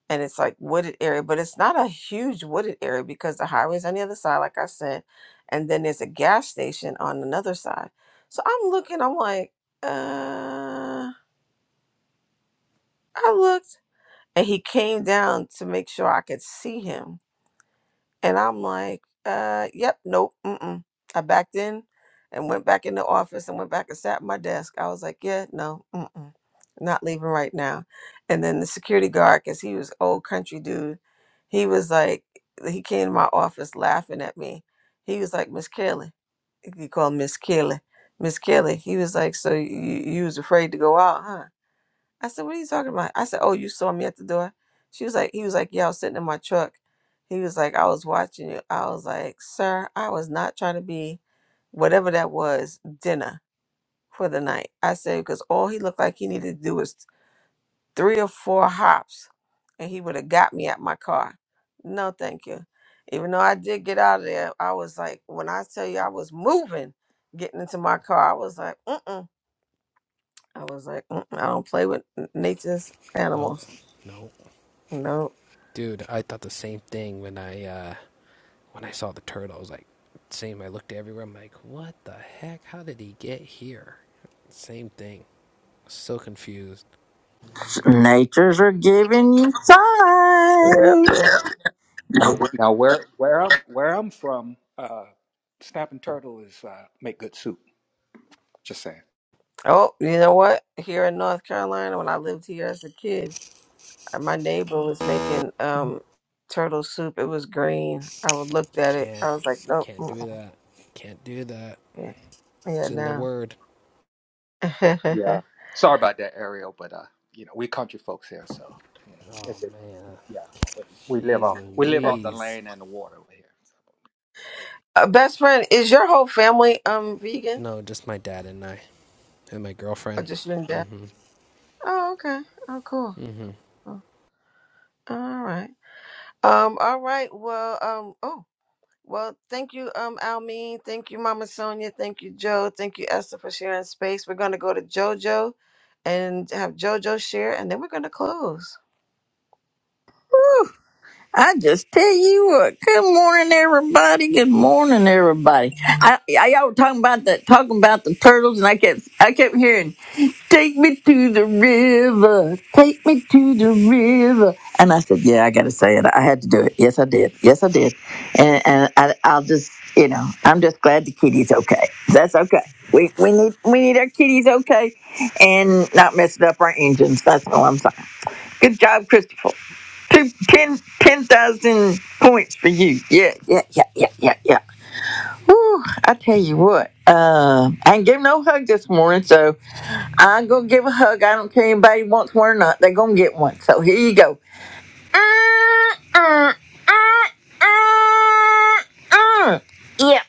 S2: And it's like wooded area, but it's not a huge wooded area because the highway's on the other side, like I said. And then there's a gas station on another side. So I'm looking, I'm like, uh, I looked. And he came down to make sure I could see him And I'm like, uh, yep, nope, mm-mm. I backed in and went back in the office and went back and sat at my desk. I was like, yeah, no, mm-mm, not leaving right now. And then the security guard, because he was old country dude, he was like, he came to my office laughing at me. He was like, Miss Kelly, he called Miss Kelly, Miss Kelly. He was like, so you, you was afraid to go out, huh? I said, "What are you talking about?" I said, "Oh, you saw me at the door." She was like, "He was like, yeah, I was sitting in my truck." He was like, "I was watching you." I was like, "Sir, I was not trying to be whatever that was dinner for the night." I said because all he looked like he needed to do was three or four hops, and he would have got me at my car. No, thank you. Even though I did get out of there, I was like, when I tell you I was moving, getting into my car, I was like, mm-mm. I was like, mm I don't play with n- nature's
S9: Nope.
S2: animals.
S9: Nope.
S2: No.
S9: Dude, I thought the same thing when I uh when I saw the turtle. I was like, same. I looked everywhere. I'm like, what the heck? How did he get here? Same thing. So confused.
S1: Nature's are giving you
S2: Yep.
S1: signs.
S2: yep.
S14: Now where where I'm where I'm from, uh, snapping turtle is uh, make good soup. Just saying.
S2: Oh, you know what? Here in North Carolina, when I lived here as a kid, uh, my neighbor was making um turtle soup. It was green. I would looked
S9: You
S2: at it.
S9: Can't,
S2: I was like, nope.
S9: can't
S2: mm-mm.
S9: do that. Can't do that.
S2: Yeah, yeah,
S9: It's in the
S2: no.
S9: word.
S14: Yeah. Sorry about that, Ariel, but uh, you know, we country folks here, so you know,
S9: Oh
S14: if it,
S9: man,
S14: yeah, we, we live
S9: jeez
S14: off we live off the
S9: Louise.
S14: land and the water over here.
S2: uh, best friend, is your whole family um vegan
S9: No, just my dad and I, and my
S2: or
S9: girlfriend.
S2: just your dad?
S9: Mm-hmm.
S2: Oh, okay. Oh, cool.
S9: Mm-hmm.
S2: Oh, All right. Um. All right. Well. Um. Oh. Well, thank you, um, Almeen. Thank you, Mama Sonia. Thank you, Joe. Thank you, Esther, for sharing space. We're going to go to JoJo and have JoJo share, and then we're going to close.
S1: I just tell you what. Good morning, everybody. Good morning, everybody. I, I y'all were talking about that, talking about the turtles, and I kept, I kept hearing, "Take me to the river, take me to the river." And I said, "Yeah, I got to say it. I had to do it. Yes, I did. Yes, I did." And and I, I'll just, you know, I'm just glad the kitty's okay. That's okay. We we need we need our kitties okay, and not messing up our engines. That's all I'm saying. Good job, Christopher. Two, ten, ten thousand points for you. Yeah, yeah, yeah, yeah, yeah, yeah. Whew, I tell you what, uh, I ain't give no hug this morning, so I'm going to give a hug. I don't care if anybody wants one or not. They're going to get one. So here you go. Uh, uh, uh. uh. Yeah,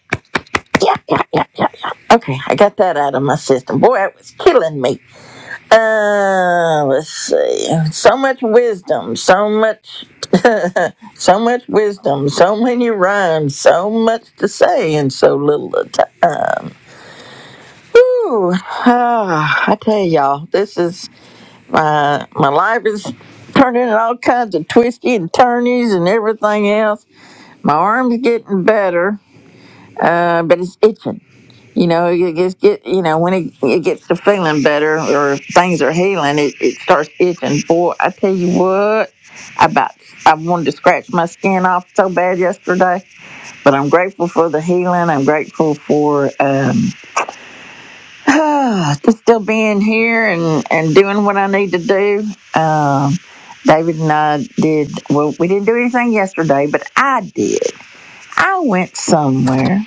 S1: yeah, yeah, yeah, yeah, yeah. Okay, I got that out of my system. Boy, it was killing me. Uh, let's see. So much wisdom, so much, so much wisdom, so many rhymes, so much to say in so little a time. Whew. Ah, I tell y'all, this is my my life is turning all kinds of twisty and turnies and everything else. My arm's getting better, uh, but it's itching. You know, it gets get you know when it, it gets to feeling better or things are healing, it, it starts itching. Boy, I tell you what, I about I wanted to scratch my skin off so bad yesterday, but I'm grateful for the healing. I'm grateful for um, just still being here and and doing what I need to do. Um, David and I did well. We didn't do anything yesterday, but I did. I went somewhere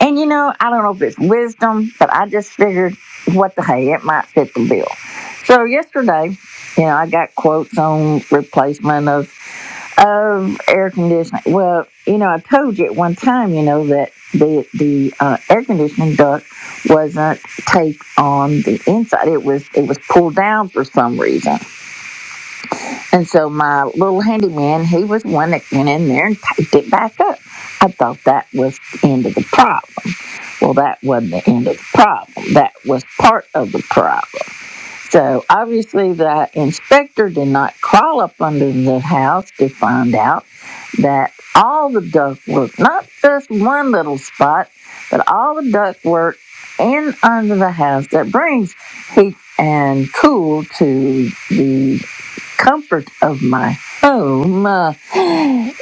S1: and you know, I don't know if it's wisdom, but I just figured what the hey, it might fit the bill. So yesterday, you know, I got quotes on replacement of of air conditioning. Well, you know, I told you at one time, you know, that the the uh, air conditioning duct wasn't taped on the inside. It was it was pulled down for some reason. And so my little handyman, he was one that went in there and taped it back up. I thought that was the end of the problem. Well, that wasn't the end of the problem. That was part of the problem. So obviously, the inspector did not crawl up under the house to find out that all the ductwork, not just one little spot, but all the ductwork in under the house that brings heat and cool to the comfort of my home uh,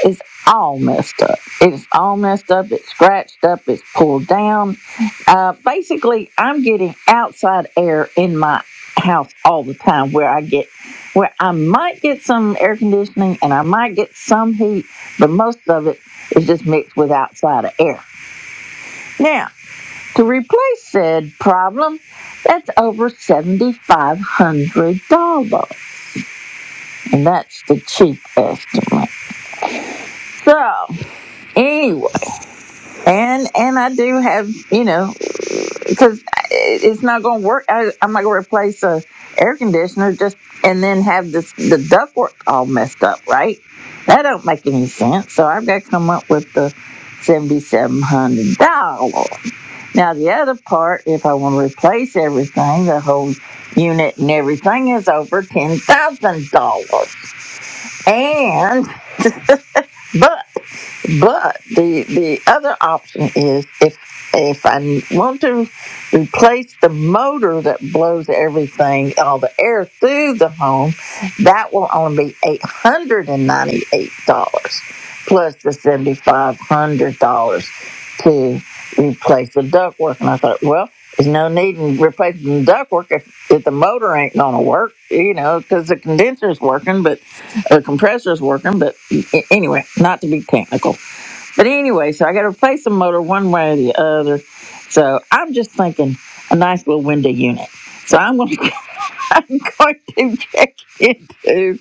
S1: is all messed up. It's all messed up. It's scratched up. It's pulled down uh, basically, I'm getting outside air in my house all the time where I get, where I might get some air conditioning and I might get some heat, but most of it is just mixed with outside air. Now, to replace said problem, that's over $7,500. And that's the cheap estimate. So, anyway, and, and I do have, you know, because it's not going to work. I, I'm not going to replace a air conditioner just and then have this the ductwork all messed up, right? That don't make any sense. So I've got to come up with the seventy-seven hundred dollars. Now the other part, if I want to replace everything, the whole unit and everything is over ten thousand dollars. And but but the the other option is if if I want to replace the motor that blows everything, all the air through the home, that will only be eight hundred and ninety eight dollars plus the seventy five hundred dollars to replace the ductwork. And I thought, well, there's no need in replacing the ductwork if, if the motor ain't gonna work, you know, because the condenser's working, but or the compressor's working. But a- anyway, not to be technical. But anyway, so I got to replace the motor one way or the other. So I'm just thinking a nice little window unit. So I'm going to I'm going to check into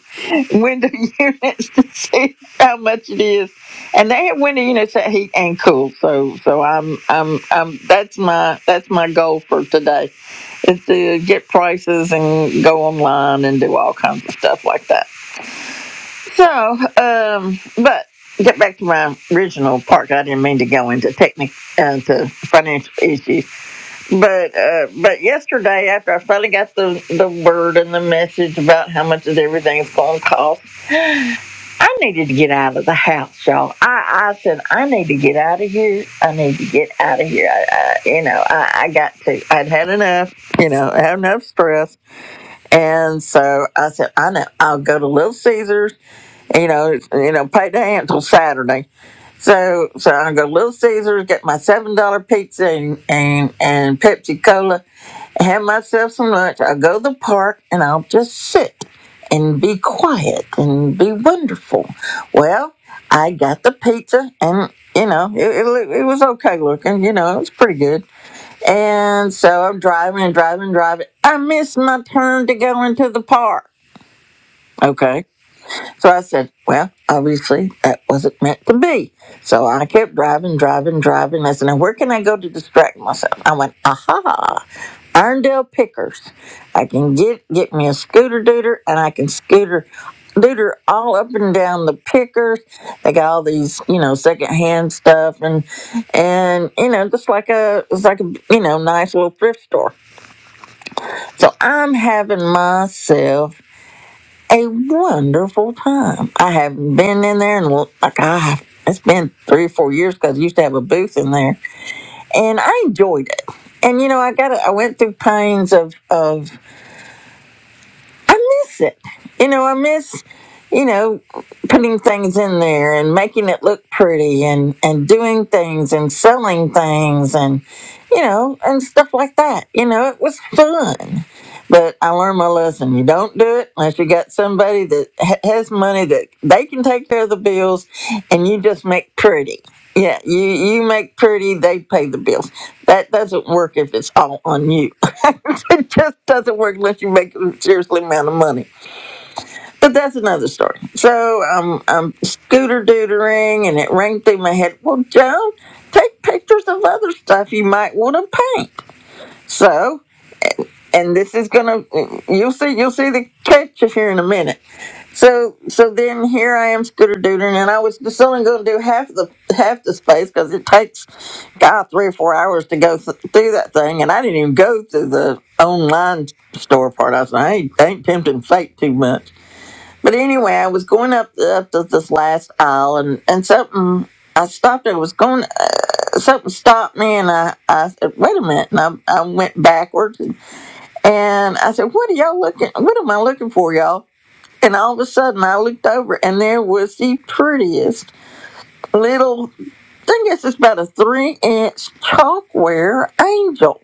S1: window units to see how much it is, and they have window units that heat and cool. So so I'm I'm I'm that's my that's my goal for today, is to get prices and go online and do all kinds of stuff like that. So, um, but get back to my original part. I didn't mean to go into technic uh, to financial issues, but uh, but yesterday after I finally got the the word and the message about how much is everything's going to cost, I needed to get out of the house, y'all. I I said I need to get out of here. I need to get out of here. I, I you know I, I got to. I'd had enough. You know, I had enough stress, and so I said I know I'll go to Little Caesars you know, it's- you know, pay the until Saturday. So so I go to Little Caesars, get my seven dollar pizza and, and and Pepsi Cola, have myself some lunch. I go to the park and I'll just sit and be quiet and be wonderful. Well, I got the pizza and you know, it, it, loo- it was okay looking, you know, it was pretty good. And so I'm driving and driving and driving. I missed my turn to go into the park. Okay. So I said, well, obviously that wasn't meant to be. So I kept driving, driving, driving. I said, now where can I go to distract myself? I went, aha, Irondale Pickers. I can get get me a scooter dooter and I can scooter dooter all up and down the Pickers. They got all these, you know, secondhand stuff and and you know, just like a it's like a you know, nice little thrift store. So I'm having myself a wonderful time. I haven't been in there in l- like I have. It's been three or four years because I used to have a booth in there, and I enjoyed it. And you know, I got a- I went through pains of of I miss it. You know, I miss, you know, putting things in there and making it look pretty and, and doing things and selling things and, you know, and stuff like that. You know, it was fun. But I learned my lesson. You don't do it unless you got somebody that ha- has money that they can take care of the bills and you just make pretty. Yeah, you you make pretty, they pay the bills. That doesn't work if it's all on you. it just doesn't work unless you make a seriously amount of money. But that's another story. So um, I'm scooter dootering, and it rang through my head. Well, Joan, take pictures of other stuff you might want to paint. So, and this is gonna you'll see you'll see the catch here in a minute so so then here I am scooter doodling, and I was just only going to do half the half the space because it takes God three or four hours to go th- through that thing, and I didn't even go through the online store part. I was like, I ain't, I ain't tempting fate too much. But anyway, I was going up up to this last aisle, and and something. I stopped. I was going. uh, Something stopped me, and I, I said, "Wait a minute!" And I, I went backwards, and I said, "What are y'all looking? What am I looking for, y'all?" And all of a sudden, I looked over, and there was the prettiest little, I guess it's about a three inch chalkware angel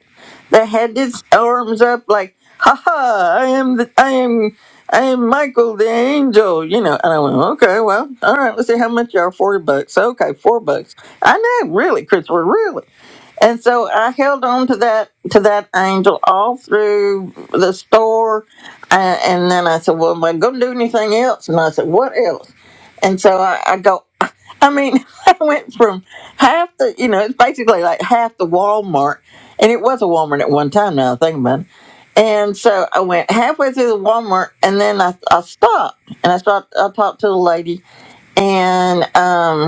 S1: that had its arms up like, ha ha, I am, the, I am, I am Michael the angel, you know. And I went, okay, well, all right, let's see how much you are, 40 bucks. Okay, four bucks. I know, really, Christopher, really. And so I held on to that to that angel all through the store, and, and then I said, "Well, am I going to do anything else?" And I said, "What else?" And so I, I go. I mean, I went from half the, you know, it's basically like half the Walmart, and it was a Walmart at one time. Now I think about it. And so I went halfway through the Walmart, and then I, I stopped, and I stopped. I talked to the lady, and um,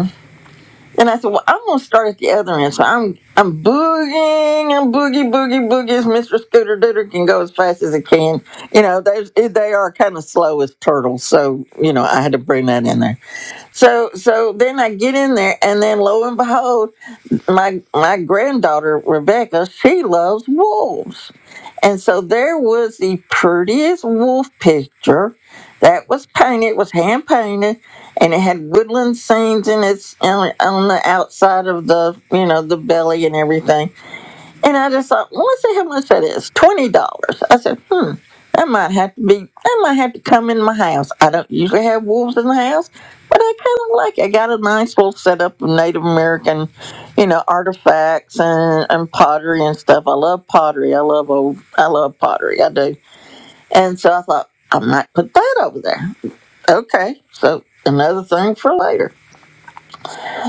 S1: and I said, well, I'm gonna start at the other end. So I'm I'm boogieing, I'm boogie boogie boogies. Mr. Scooter Dooter can go as fast as it can. You know, there's they are kind of slow as turtles, so you know I had to bring that in there. So so then I get in there, and then lo and behold, my my granddaughter Rebecca, she loves wolves. And so there was the prettiest wolf picture that was painted, it was hand painted, and it had woodland scenes in its on, on the outside of the you know the belly and everything. And I just thought, well, let's see how much that is. Twenty dollars. I said, hmm, that might have to be. That might have to come in my house. I don't usually have wolves in the house, but I kind of like. It. I got a nice little setup of Native American, you know, artifacts and, and pottery and stuff. I love pottery. I love old. I love pottery. I do. And so I thought I might put that over there. Okay, so another thing for later.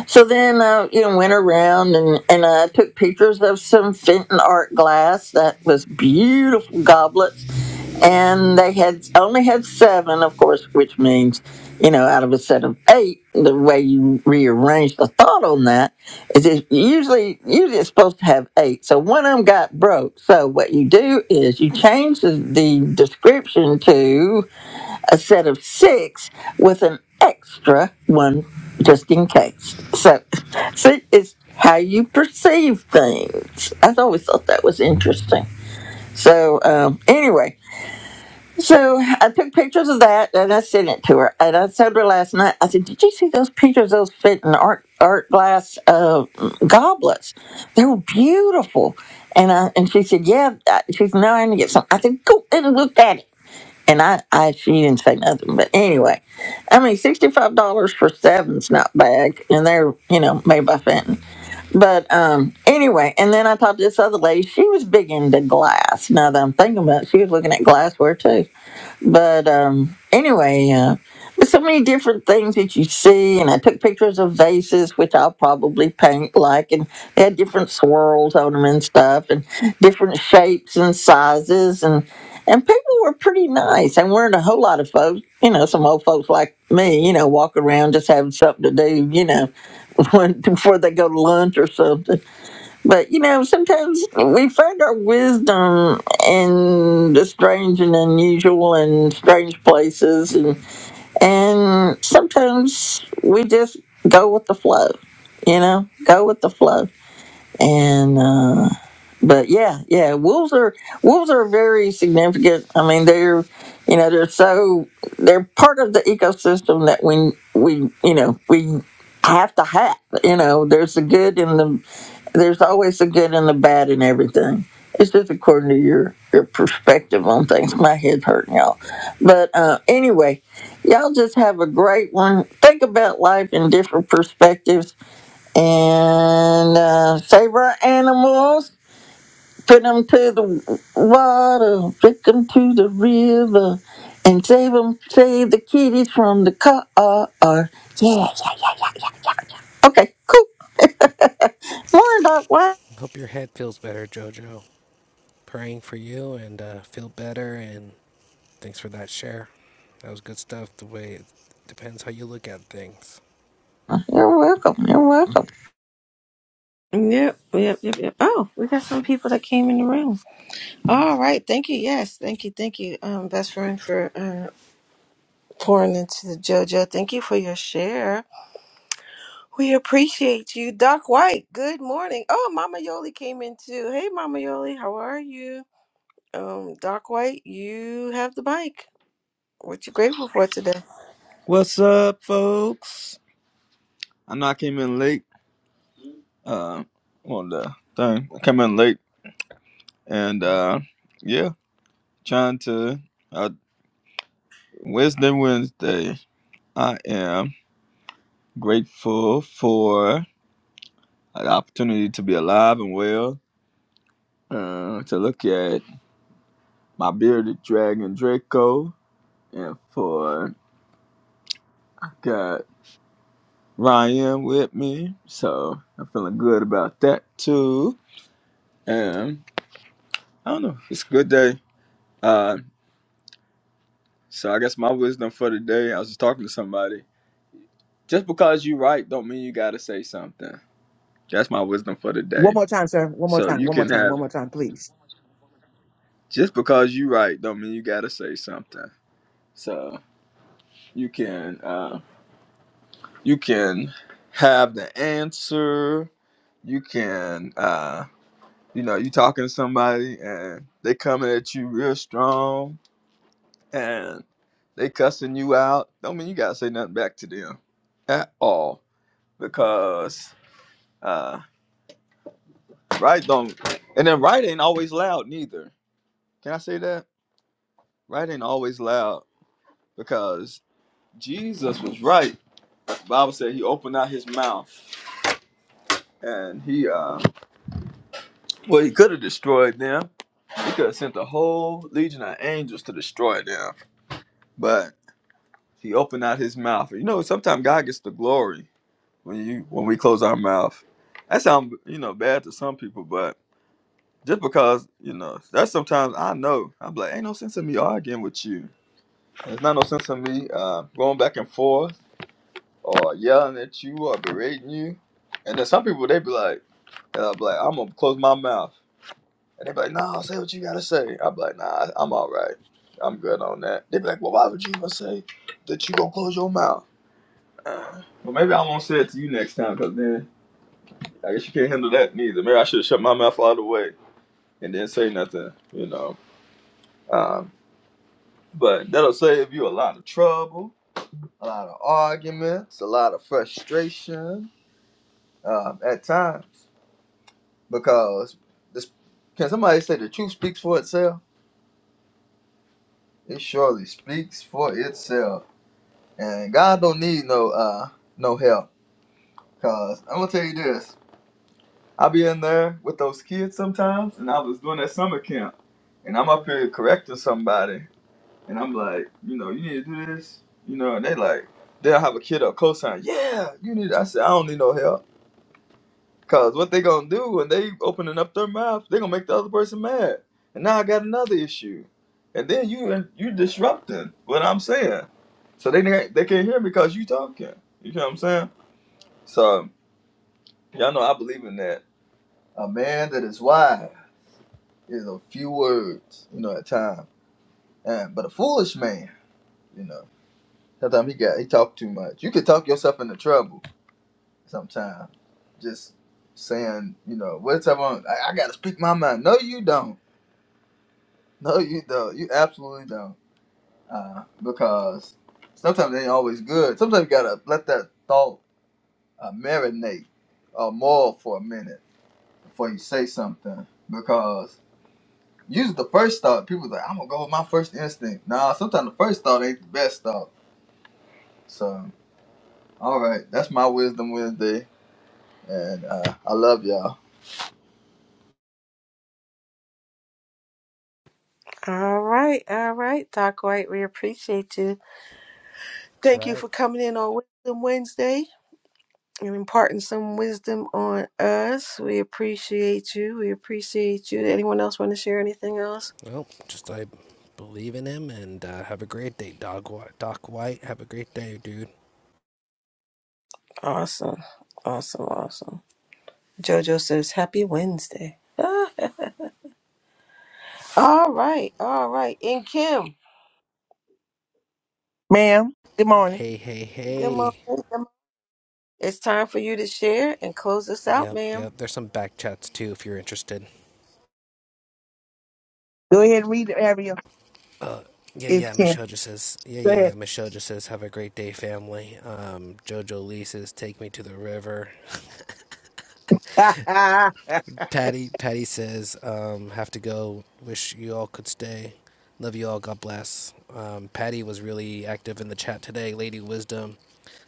S1: So then, I uh, you know, went around and and I took pictures of some Fenton art glass that was beautiful goblets, and they had only had seven, of course, which means, you know, out of a set of eight, the way you rearrange the thought on that is it usually usually it's supposed to have eight. So one of them got broke. So what you do is you change the, the description to a set of six with an extra one just in case. So, see, it's how you perceive things. I've always thought that was interesting. So, um, anyway, so I took pictures of that and I sent it to her. And I told her last night, I said, Did you see those pictures, those fit in art, art glass uh, goblets? They were beautiful. And I, and she said, Yeah. I- She said, No, I need to get some. I said, Go and look at it. And I, I, she didn't say nothing. But anyway, I mean, $65 for seven's not bad. And they're, you know, made by Fenton. But um, anyway, and then I talked to this other lady. She was big into glass. Now that I'm thinking about it, she was looking at glassware too. But um, anyway, uh, there's so many different things that you see, and I took pictures of vases, which I'll probably paint like, and they had different swirls on them and stuff, and different shapes and sizes, and and people were pretty nice. And weren't a whole lot of folks, you know, some old folks like me, you know, walking around just having something to do, you know, when, before they go to lunch or something. But you know, sometimes we find our wisdom in the strange and unusual and strange places and and sometimes we just go with the flow, you know, go with the flow. And uh but yeah, yeah, wolves are wolves are very significant. I mean they're you know, they're so they're part of the ecosystem that we we you know, we have to have. You know, there's the good and the there's always the good and the bad in everything. It's just according to your your perspective on things. My head's hurting, y'all. But uh, anyway, y'all just have a great one. Think about life in different perspectives and uh, save our animals. Put them to the water, pick them to the river, and save them, save the kitties from the car. Yeah, yeah, yeah, yeah, yeah. Okay, cool. More, Doc. Wow.
S9: Hope your head feels better, Jojo. Praying for you and uh, feel better. And thanks for that share. That was good stuff. The way it depends how you look at things.
S1: You're welcome. You're welcome.
S2: Yep, yep, yep, yep. Oh, we got some people that came in the room. All right, thank you. Yes, thank you, thank you, um, best friend for uh, pouring into the JoJo. Thank you for your share. We appreciate you, Doc White. Good morning. Oh, Mama Yoli came in too. Hey, Mama Yoli, how are you? Um, Doc White, you have the mic. What you grateful for today?
S15: What's up, folks? I know I came in late uh, on the thing. I came in late and uh, yeah, trying to. Uh, Wednesday, Wednesday, I am grateful for the opportunity to be alive and well, uh, to look at my bearded dragon Draco, and for got Ryan with me. So I'm feeling good about that too. And I don't know, it's a good day. Uh, So I guess my wisdom for the day, I was just talking to somebody. Just because you right don't mean you gotta say something. That's my wisdom for the
S16: One
S15: day.
S16: more time, sir. One more
S15: So
S16: time.
S15: you
S16: One more
S15: can
S16: time.
S15: have
S16: One more time, please.
S15: just because you right don't mean you gotta say something. So you can uh, you can have the answer. You can uh, you know you talking to somebody and they coming at you real strong and they cussing you out. Don't mean you gotta say nothing back to them at all because Uh, right don't, and then right ain't always loud neither. Can I say that? Right ain't always loud because Jesus was right. Bible said he opened out his mouth and he, uh, well, he could have destroyed them. He could have sent a whole legion of angels to destroy them, but he opened out his mouth. You know, sometimes God gets the glory when you when we close our mouth. That sounds you know bad to some people, but just because you know that's sometimes I know I'm like ain't no sense in me arguing with you It's not no sense in me uh, going back and forth or yelling at you or berating you. And then some people they be like, and I'll be like, I'm gonna close my mouth. And they be like, Nah, say what you gotta say. I be like, Nah, I'm all right. I'm good on that. They be like, Well, why would you even say that you gonna close your mouth? Uh, well, maybe I won't say it to you next time, cause then I guess you can't handle that neither. Maybe I should shut my mouth all the way and then say nothing, you know. Um, but that'll save you a lot of trouble a lot of arguments, a lot of frustration um, at times because this can somebody say the truth speaks for itself? It surely speaks for itself, and God don't need no uh no help. Cause I'm gonna tell you this, I be in there with those kids sometimes, and I was doing that summer camp, and I'm up here correcting somebody, and I'm like, you know, you need to do this, you know, and they like, they'll have a kid up close sign, yeah, you need. I said, I don't need no help. Cause what they gonna do when they opening up their mouth, they gonna make the other person mad, and now I got another issue, and then you you disrupting what I'm saying, so they can't- they can't hear me because you talking. You know what I'm saying? So y'all know I believe in that. A man that is wise is a few words, you know, at time, and but a foolish man, you know, sometimes he got he talk too much. You could talk yourself into trouble sometimes, just saying, you know, what's up on? I, I gotta speak my mind. No, you don't. No, you don't. You absolutely don't. Uh, because sometimes they ain't always good. Sometimes you gotta let that thought uh, marinate uh, more for a minute before you say something. Because usually the first thought, people like, I'm gonna go with my first instinct. Nah, sometimes the first thought ain't the best thought. So, all right, that's my wisdom Wednesday, and uh, I love y'all.
S2: All right, all right, Doc White. We appreciate you.
S9: That's
S2: Thank you
S9: right.
S2: for coming in on Wisdom Wednesday and imparting some wisdom on us. We appreciate you. We appreciate you. Anyone else want to share anything else?
S9: Well, just I believe in him and uh, have a great day, Doc. Whi- Doc White. Have a great day, dude.
S2: Awesome, awesome, awesome. JoJo says, "Happy Wednesday." Ah, all right, all right. And Kim,
S16: Ma'am, good morning.
S9: Hey, hey,
S2: good
S9: hey.
S2: morning. It's time for you to share and close us out,
S9: Yep,
S2: ma'am.
S9: yep. There's some back chats too if you're interested.
S16: Go ahead and read the area
S9: Uh, yeah,
S16: if you
S9: yeah.
S16: can.
S9: Michelle just says, yeah,
S16: Go
S9: yeah, yeah.
S16: ahead.
S9: Michelle just says, have a great day, family. Um, Jojo Lee says, take me to the river. Patty, Patty says, um, have to go. Wish you all could stay. Love you all. God bless. Um, Patty was really active in the chat today. Lady Wisdom.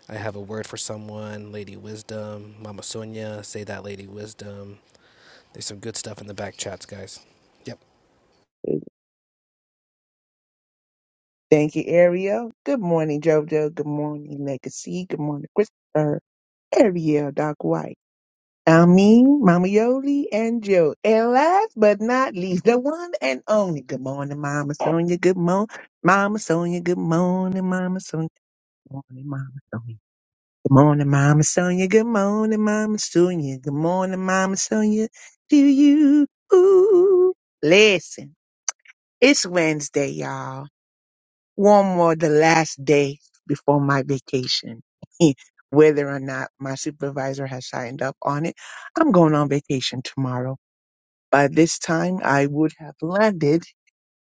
S9: I have a word for someone. Lady Wisdom. Mama Sonia. Say that, Lady Wisdom. There's some good stuff in the back chats, guys. Yep.
S16: Thank you, Ariel. Good morning, JoJo. Good morning, Legacy. Good morning, Christopher. Ariel, Doc White. I mean, Mama Yoli and Joe. And last but not least, the one and only. Good morning, Mama Sonia. Good morning, Mama Sonia. Good morning, Mama Sonia. Good morning, Mama Sonia. Good morning, Mama Sonia. Good morning, Mama Sonia. Good morning, Mama Sonia. Do you? Ooh. Listen, it's Wednesday, y'all. One more, the last day before my vacation. Whether or not my supervisor has signed up on it, I'm going on vacation tomorrow. By this time, I would have landed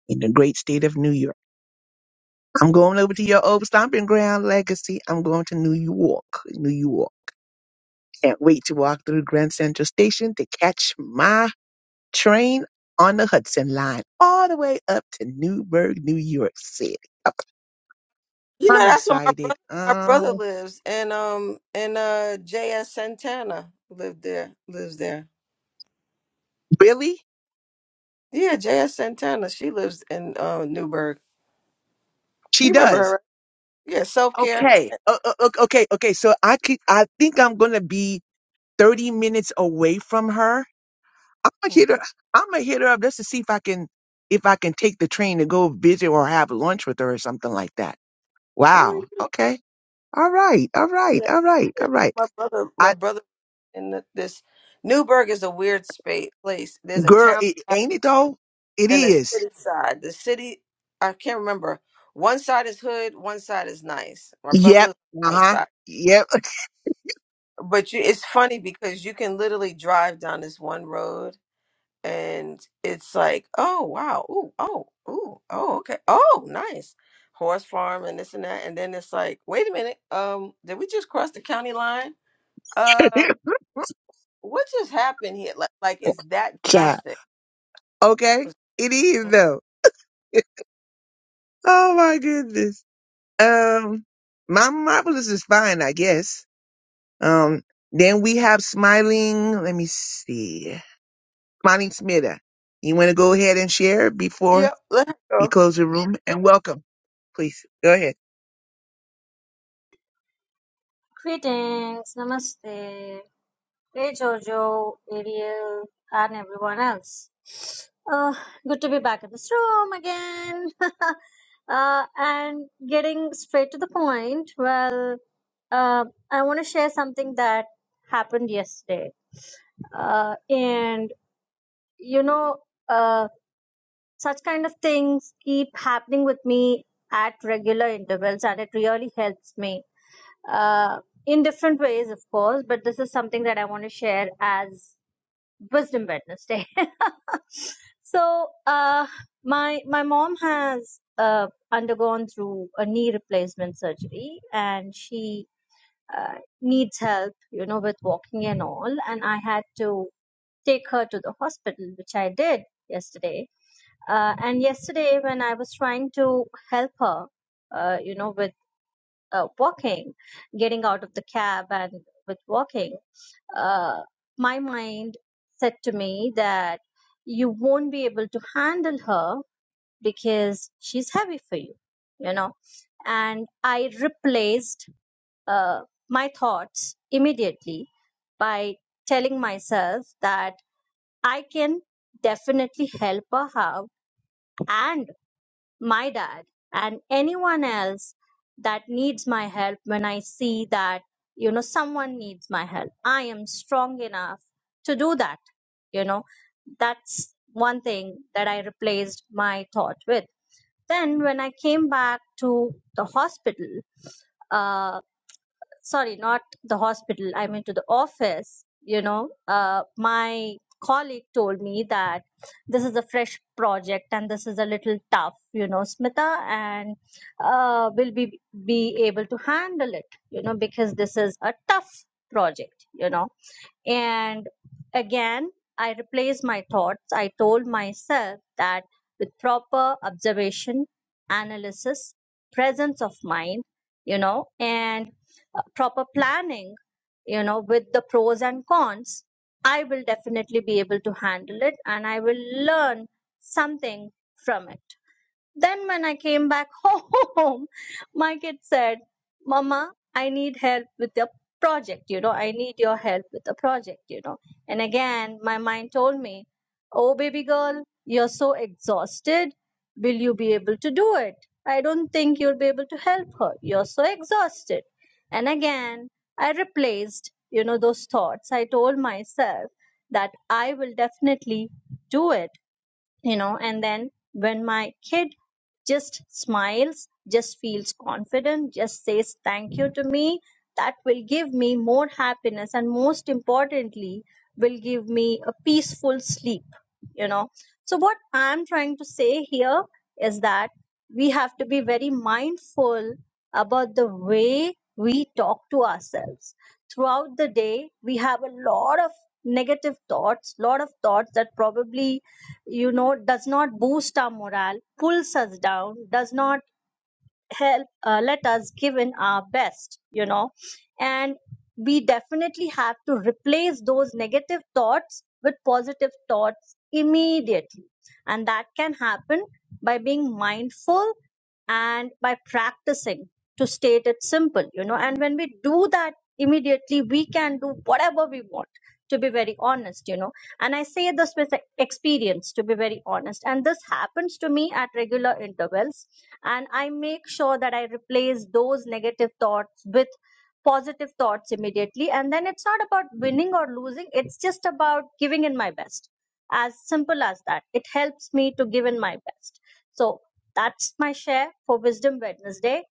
S16: in the great state of New York. I'm going over to your old stomping ground legacy. I'm going to New York, New York. Can't wait to walk through Grand Central Station to catch my train on the Hudson Line all the way up to Newburgh, New York City. Okay,
S2: You know,
S16: I'm
S2: that's where my
S16: excited.
S2: brother my brother
S16: Um,
S2: lives, and um and uh J.S. Santana lived there lives there.
S16: Billy,
S2: Yeah, J.S. Santana. She lives in uh Newburgh. You
S16: she
S2: remember her?
S16: does.
S2: right? Yeah, self care.
S16: Okay, uh, uh, uh, okay, okay. So I could, I think I'm gonna be 30 minutes away from her. I'm gonna
S2: Oh
S16: hit her. I'm gonna hit her up just to see if I can, if I can take the train to go visit or have lunch with her or something like that.
S2: yeah,
S16: Wow. Okay. All right. All right.
S2: yeah.
S16: All right.
S2: yeah.
S16: All right.
S2: My brother, my brother in the, this Newburgh is a weird space place. There's a
S16: Girl,
S2: town
S16: it
S2: side
S16: ain't it though? It
S2: and a
S16: is.
S2: city side. The city, I can't remember. One side is hood, one side is nice. My brother
S16: Yep.
S2: lives on the nice
S16: Uh-huh.
S2: side.
S16: Yep.
S2: But you, it's funny because you can literally drive down this one road and it's like, oh wow, ooh, oh, ooh, oh, okay, oh, nice. Horse farm and this and that. And then it's like, wait a minute, um, did we just cross the county line? Uh, what just happened here? Like, like it's that
S16: Child.
S2: drastic.
S16: Okay. It is though. Oh my goodness. Um my marvelous is fine, I guess. Um then we have smiling, let me see. Smiling Smitta. You want to go ahead and share before
S2: Yep, let's
S16: we
S2: go.
S16: close the room? And welcome, please. Go ahead.
S17: Greetings, namaste. Hey Giorgio, Ariel, and everyone else. Uh, good to be back in this room again. uh, and getting straight to the point, well, uh, I want to share something that happened yesterday. Uh, and, you know, uh, such kind of things keep happening with me at regular intervals, and it really helps me uh, in different ways, of course, but this is something that I want to share as Wisdom Wednesday. so, uh, my my mom has uh, undergone through a knee replacement surgery, and she uh, needs help, you know, with walking and all. And I had to take her to the hospital, which I did yesterday. Uh, and yesterday, when I was trying to help her, uh, you know, with uh, walking, getting out of the cab and with walking, uh, my mind said to me that you won't be able to handle her because she's heavy for you, you know. And I replaced uh, my thoughts immediately by telling myself that I can definitely help her out and my dad and anyone else that needs my help when I see that, you know, someone needs my help. I am strong enough to do that. You know, that's one thing that I replaced my thought with. Then when I came back to the hospital, uh, sorry, not the hospital, I mean to the office, you know, uh, my colleague told me that this is a fresh project and this is a little tough, you know, Smita, and uh, will be be able to handle it, you know, because this is a tough project, you know and again, I replaced my thoughts. I told myself that with proper observation, analysis, presence of mind, you know, and uh, proper planning, you know, with the pros and cons, I will definitely be able to handle it and I will learn something from it. Then, when I came back home, my kid said, Mama, I need help with the project, you know, I need your help with the project, you know. And again, my mind told me, Oh, baby girl, you're so exhausted. Will you be able to do it? I don't think you'll be able to help her. You're so exhausted. And again, I replaced, you know, those thoughts. I told myself that I will definitely do it you know and then when my kid just smiles just feels confident just says thank you to me that will give me more happiness and most importantly will give me a peaceful sleep you know so what i'm trying to say here is that we have to be very mindful about the way we talk to ourselves throughout the day we have a lot of negative thoughts lot of thoughts that probably you know does not boost our morale pulls us down does not help uh, let us give in our best you know and we definitely have to replace those negative thoughts with positive thoughts immediately and that can happen by being mindful and by practicing to state it simple you know and when we do that immediately we can do whatever we want to be very honest you know and i say this with e- experience to be very honest and this happens to me at regular intervals and i make sure that i replace those negative thoughts with positive thoughts immediately and then it's not about winning or losing it's just about giving in my best as simple as that it helps me to give in my best so that's my share for wisdom wednesday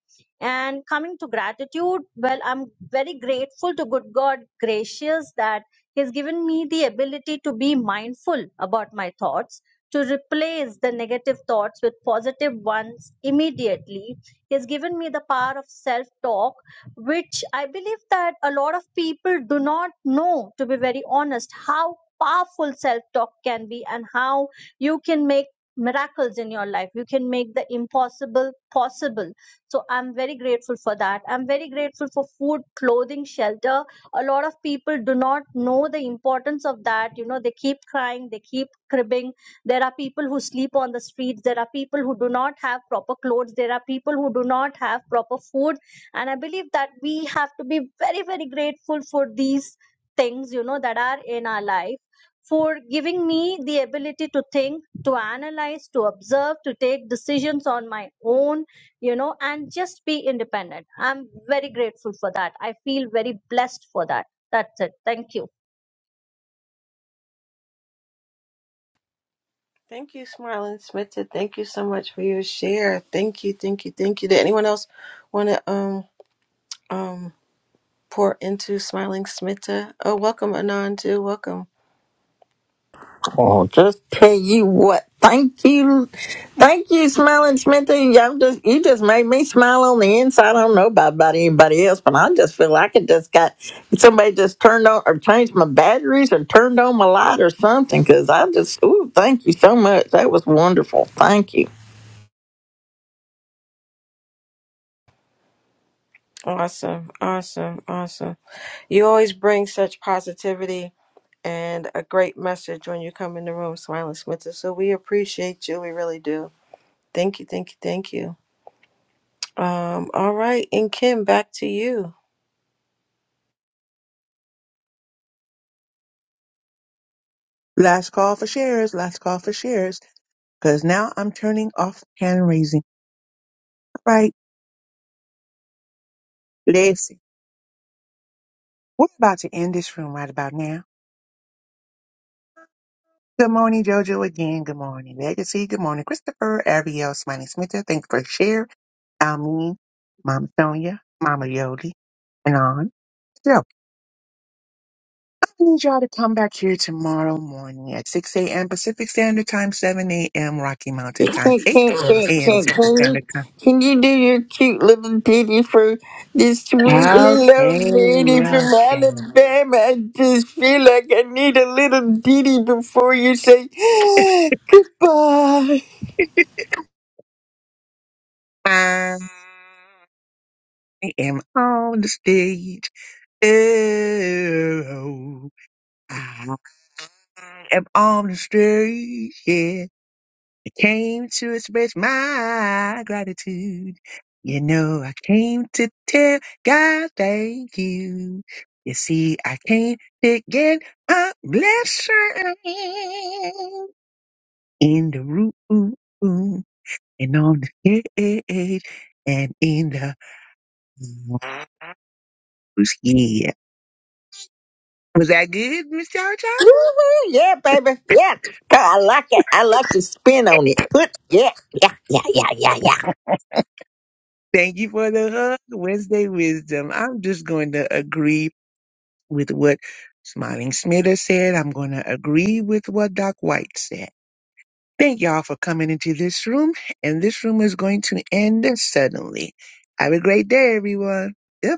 S17: and coming to gratitude well i'm very grateful to good god gracious that he's given me the ability to be mindful about my thoughts to replace the negative thoughts with positive ones immediately He has given me the power of self talk which i believe that a lot of people do not know to be very honest how powerful self talk can be and how you can make miracles in your life you can make the impossible possible so i'm very grateful for that i'm very grateful for food clothing shelter a lot of people do not know the importance of that you know they keep crying they keep cribbing there are people who sleep on the streets. There are people who do not have proper clothes. There are people who do not have proper food. And I believe that we have to be very, very grateful for these things, you know, that are in our life. For giving me the ability to think, to analyze, to observe, to take decisions on my own, you know, and just be independent. I'm very grateful for that. I feel very blessed for that. That's it. Thank you.
S2: Thank you, Smiling Smita. Thank you so much for your share. Thank you, thank you, thank you. Did anyone else want to um um pour into smiling Smita. Oh, welcome, Anand, too. Welcome.
S1: Oh, just tell you what. Thank you, thank you, Smiling Smithy. Y'all just you just made me smile on the inside. I don't know about, about anybody else, but I just feel like it just got somebody just turned on or changed my batteries or turned on my light or something. Because I just, ooh, thank you so much. That was wonderful. Thank you.
S2: Awesome, awesome, awesome. You always bring such positivity and a great message when you come in the room, smiling Smita. So we appreciate you. We really do. Thank you, thank you, thank you. Um, all right, and Kim, back to you.
S16: Last call for shares, last call for shares. Cause now I'm turning off hand raising. All right. Blessings. We're about to end this room right about now. Good morning, Jojo again. Good morning, Legacy. Good morning, Christopher, Ariel, Smiley Smith. Thanks for share. Almeen, Mama Sonia, Mama Yoli, and on. So, I need y'all to come back here tomorrow morning at 6 a.m. Pacific Standard Time, 7 a.m. Rocky
S1: Can,
S16: Mountain Time,
S1: can,
S16: 8
S1: can,
S16: a.m.
S1: can,
S16: Central
S1: can,
S16: Standard
S1: you,
S16: Time.
S1: can you do your cute little ditty for this sweet little
S16: Okay,
S1: lady from
S16: okay.
S1: Alabama? I just feel like I need a little ditty before you say goodbye.
S16: I am on the stage. Oh. I am on the street, yeah. I came to express my gratitude. You know, I came to tell God thank you. You see, I came to get a blessing in the room and on the stage and in the house. Yeah. Was that good, Miss Jojo?
S1: Woo-hoo, yeah, baby. Yeah. God, I like it. I like to spin on it. Put, yeah, yeah, yeah, yeah, yeah, yeah,
S16: Thank you for the hug, Wednesday wisdom. I'm just going to agree with what Smiling Smitter said. I'm going to agree with what Doc White said. Thank y'all for coming into this room, and this room is going to end suddenly. Have a great day, everyone. Goodbye.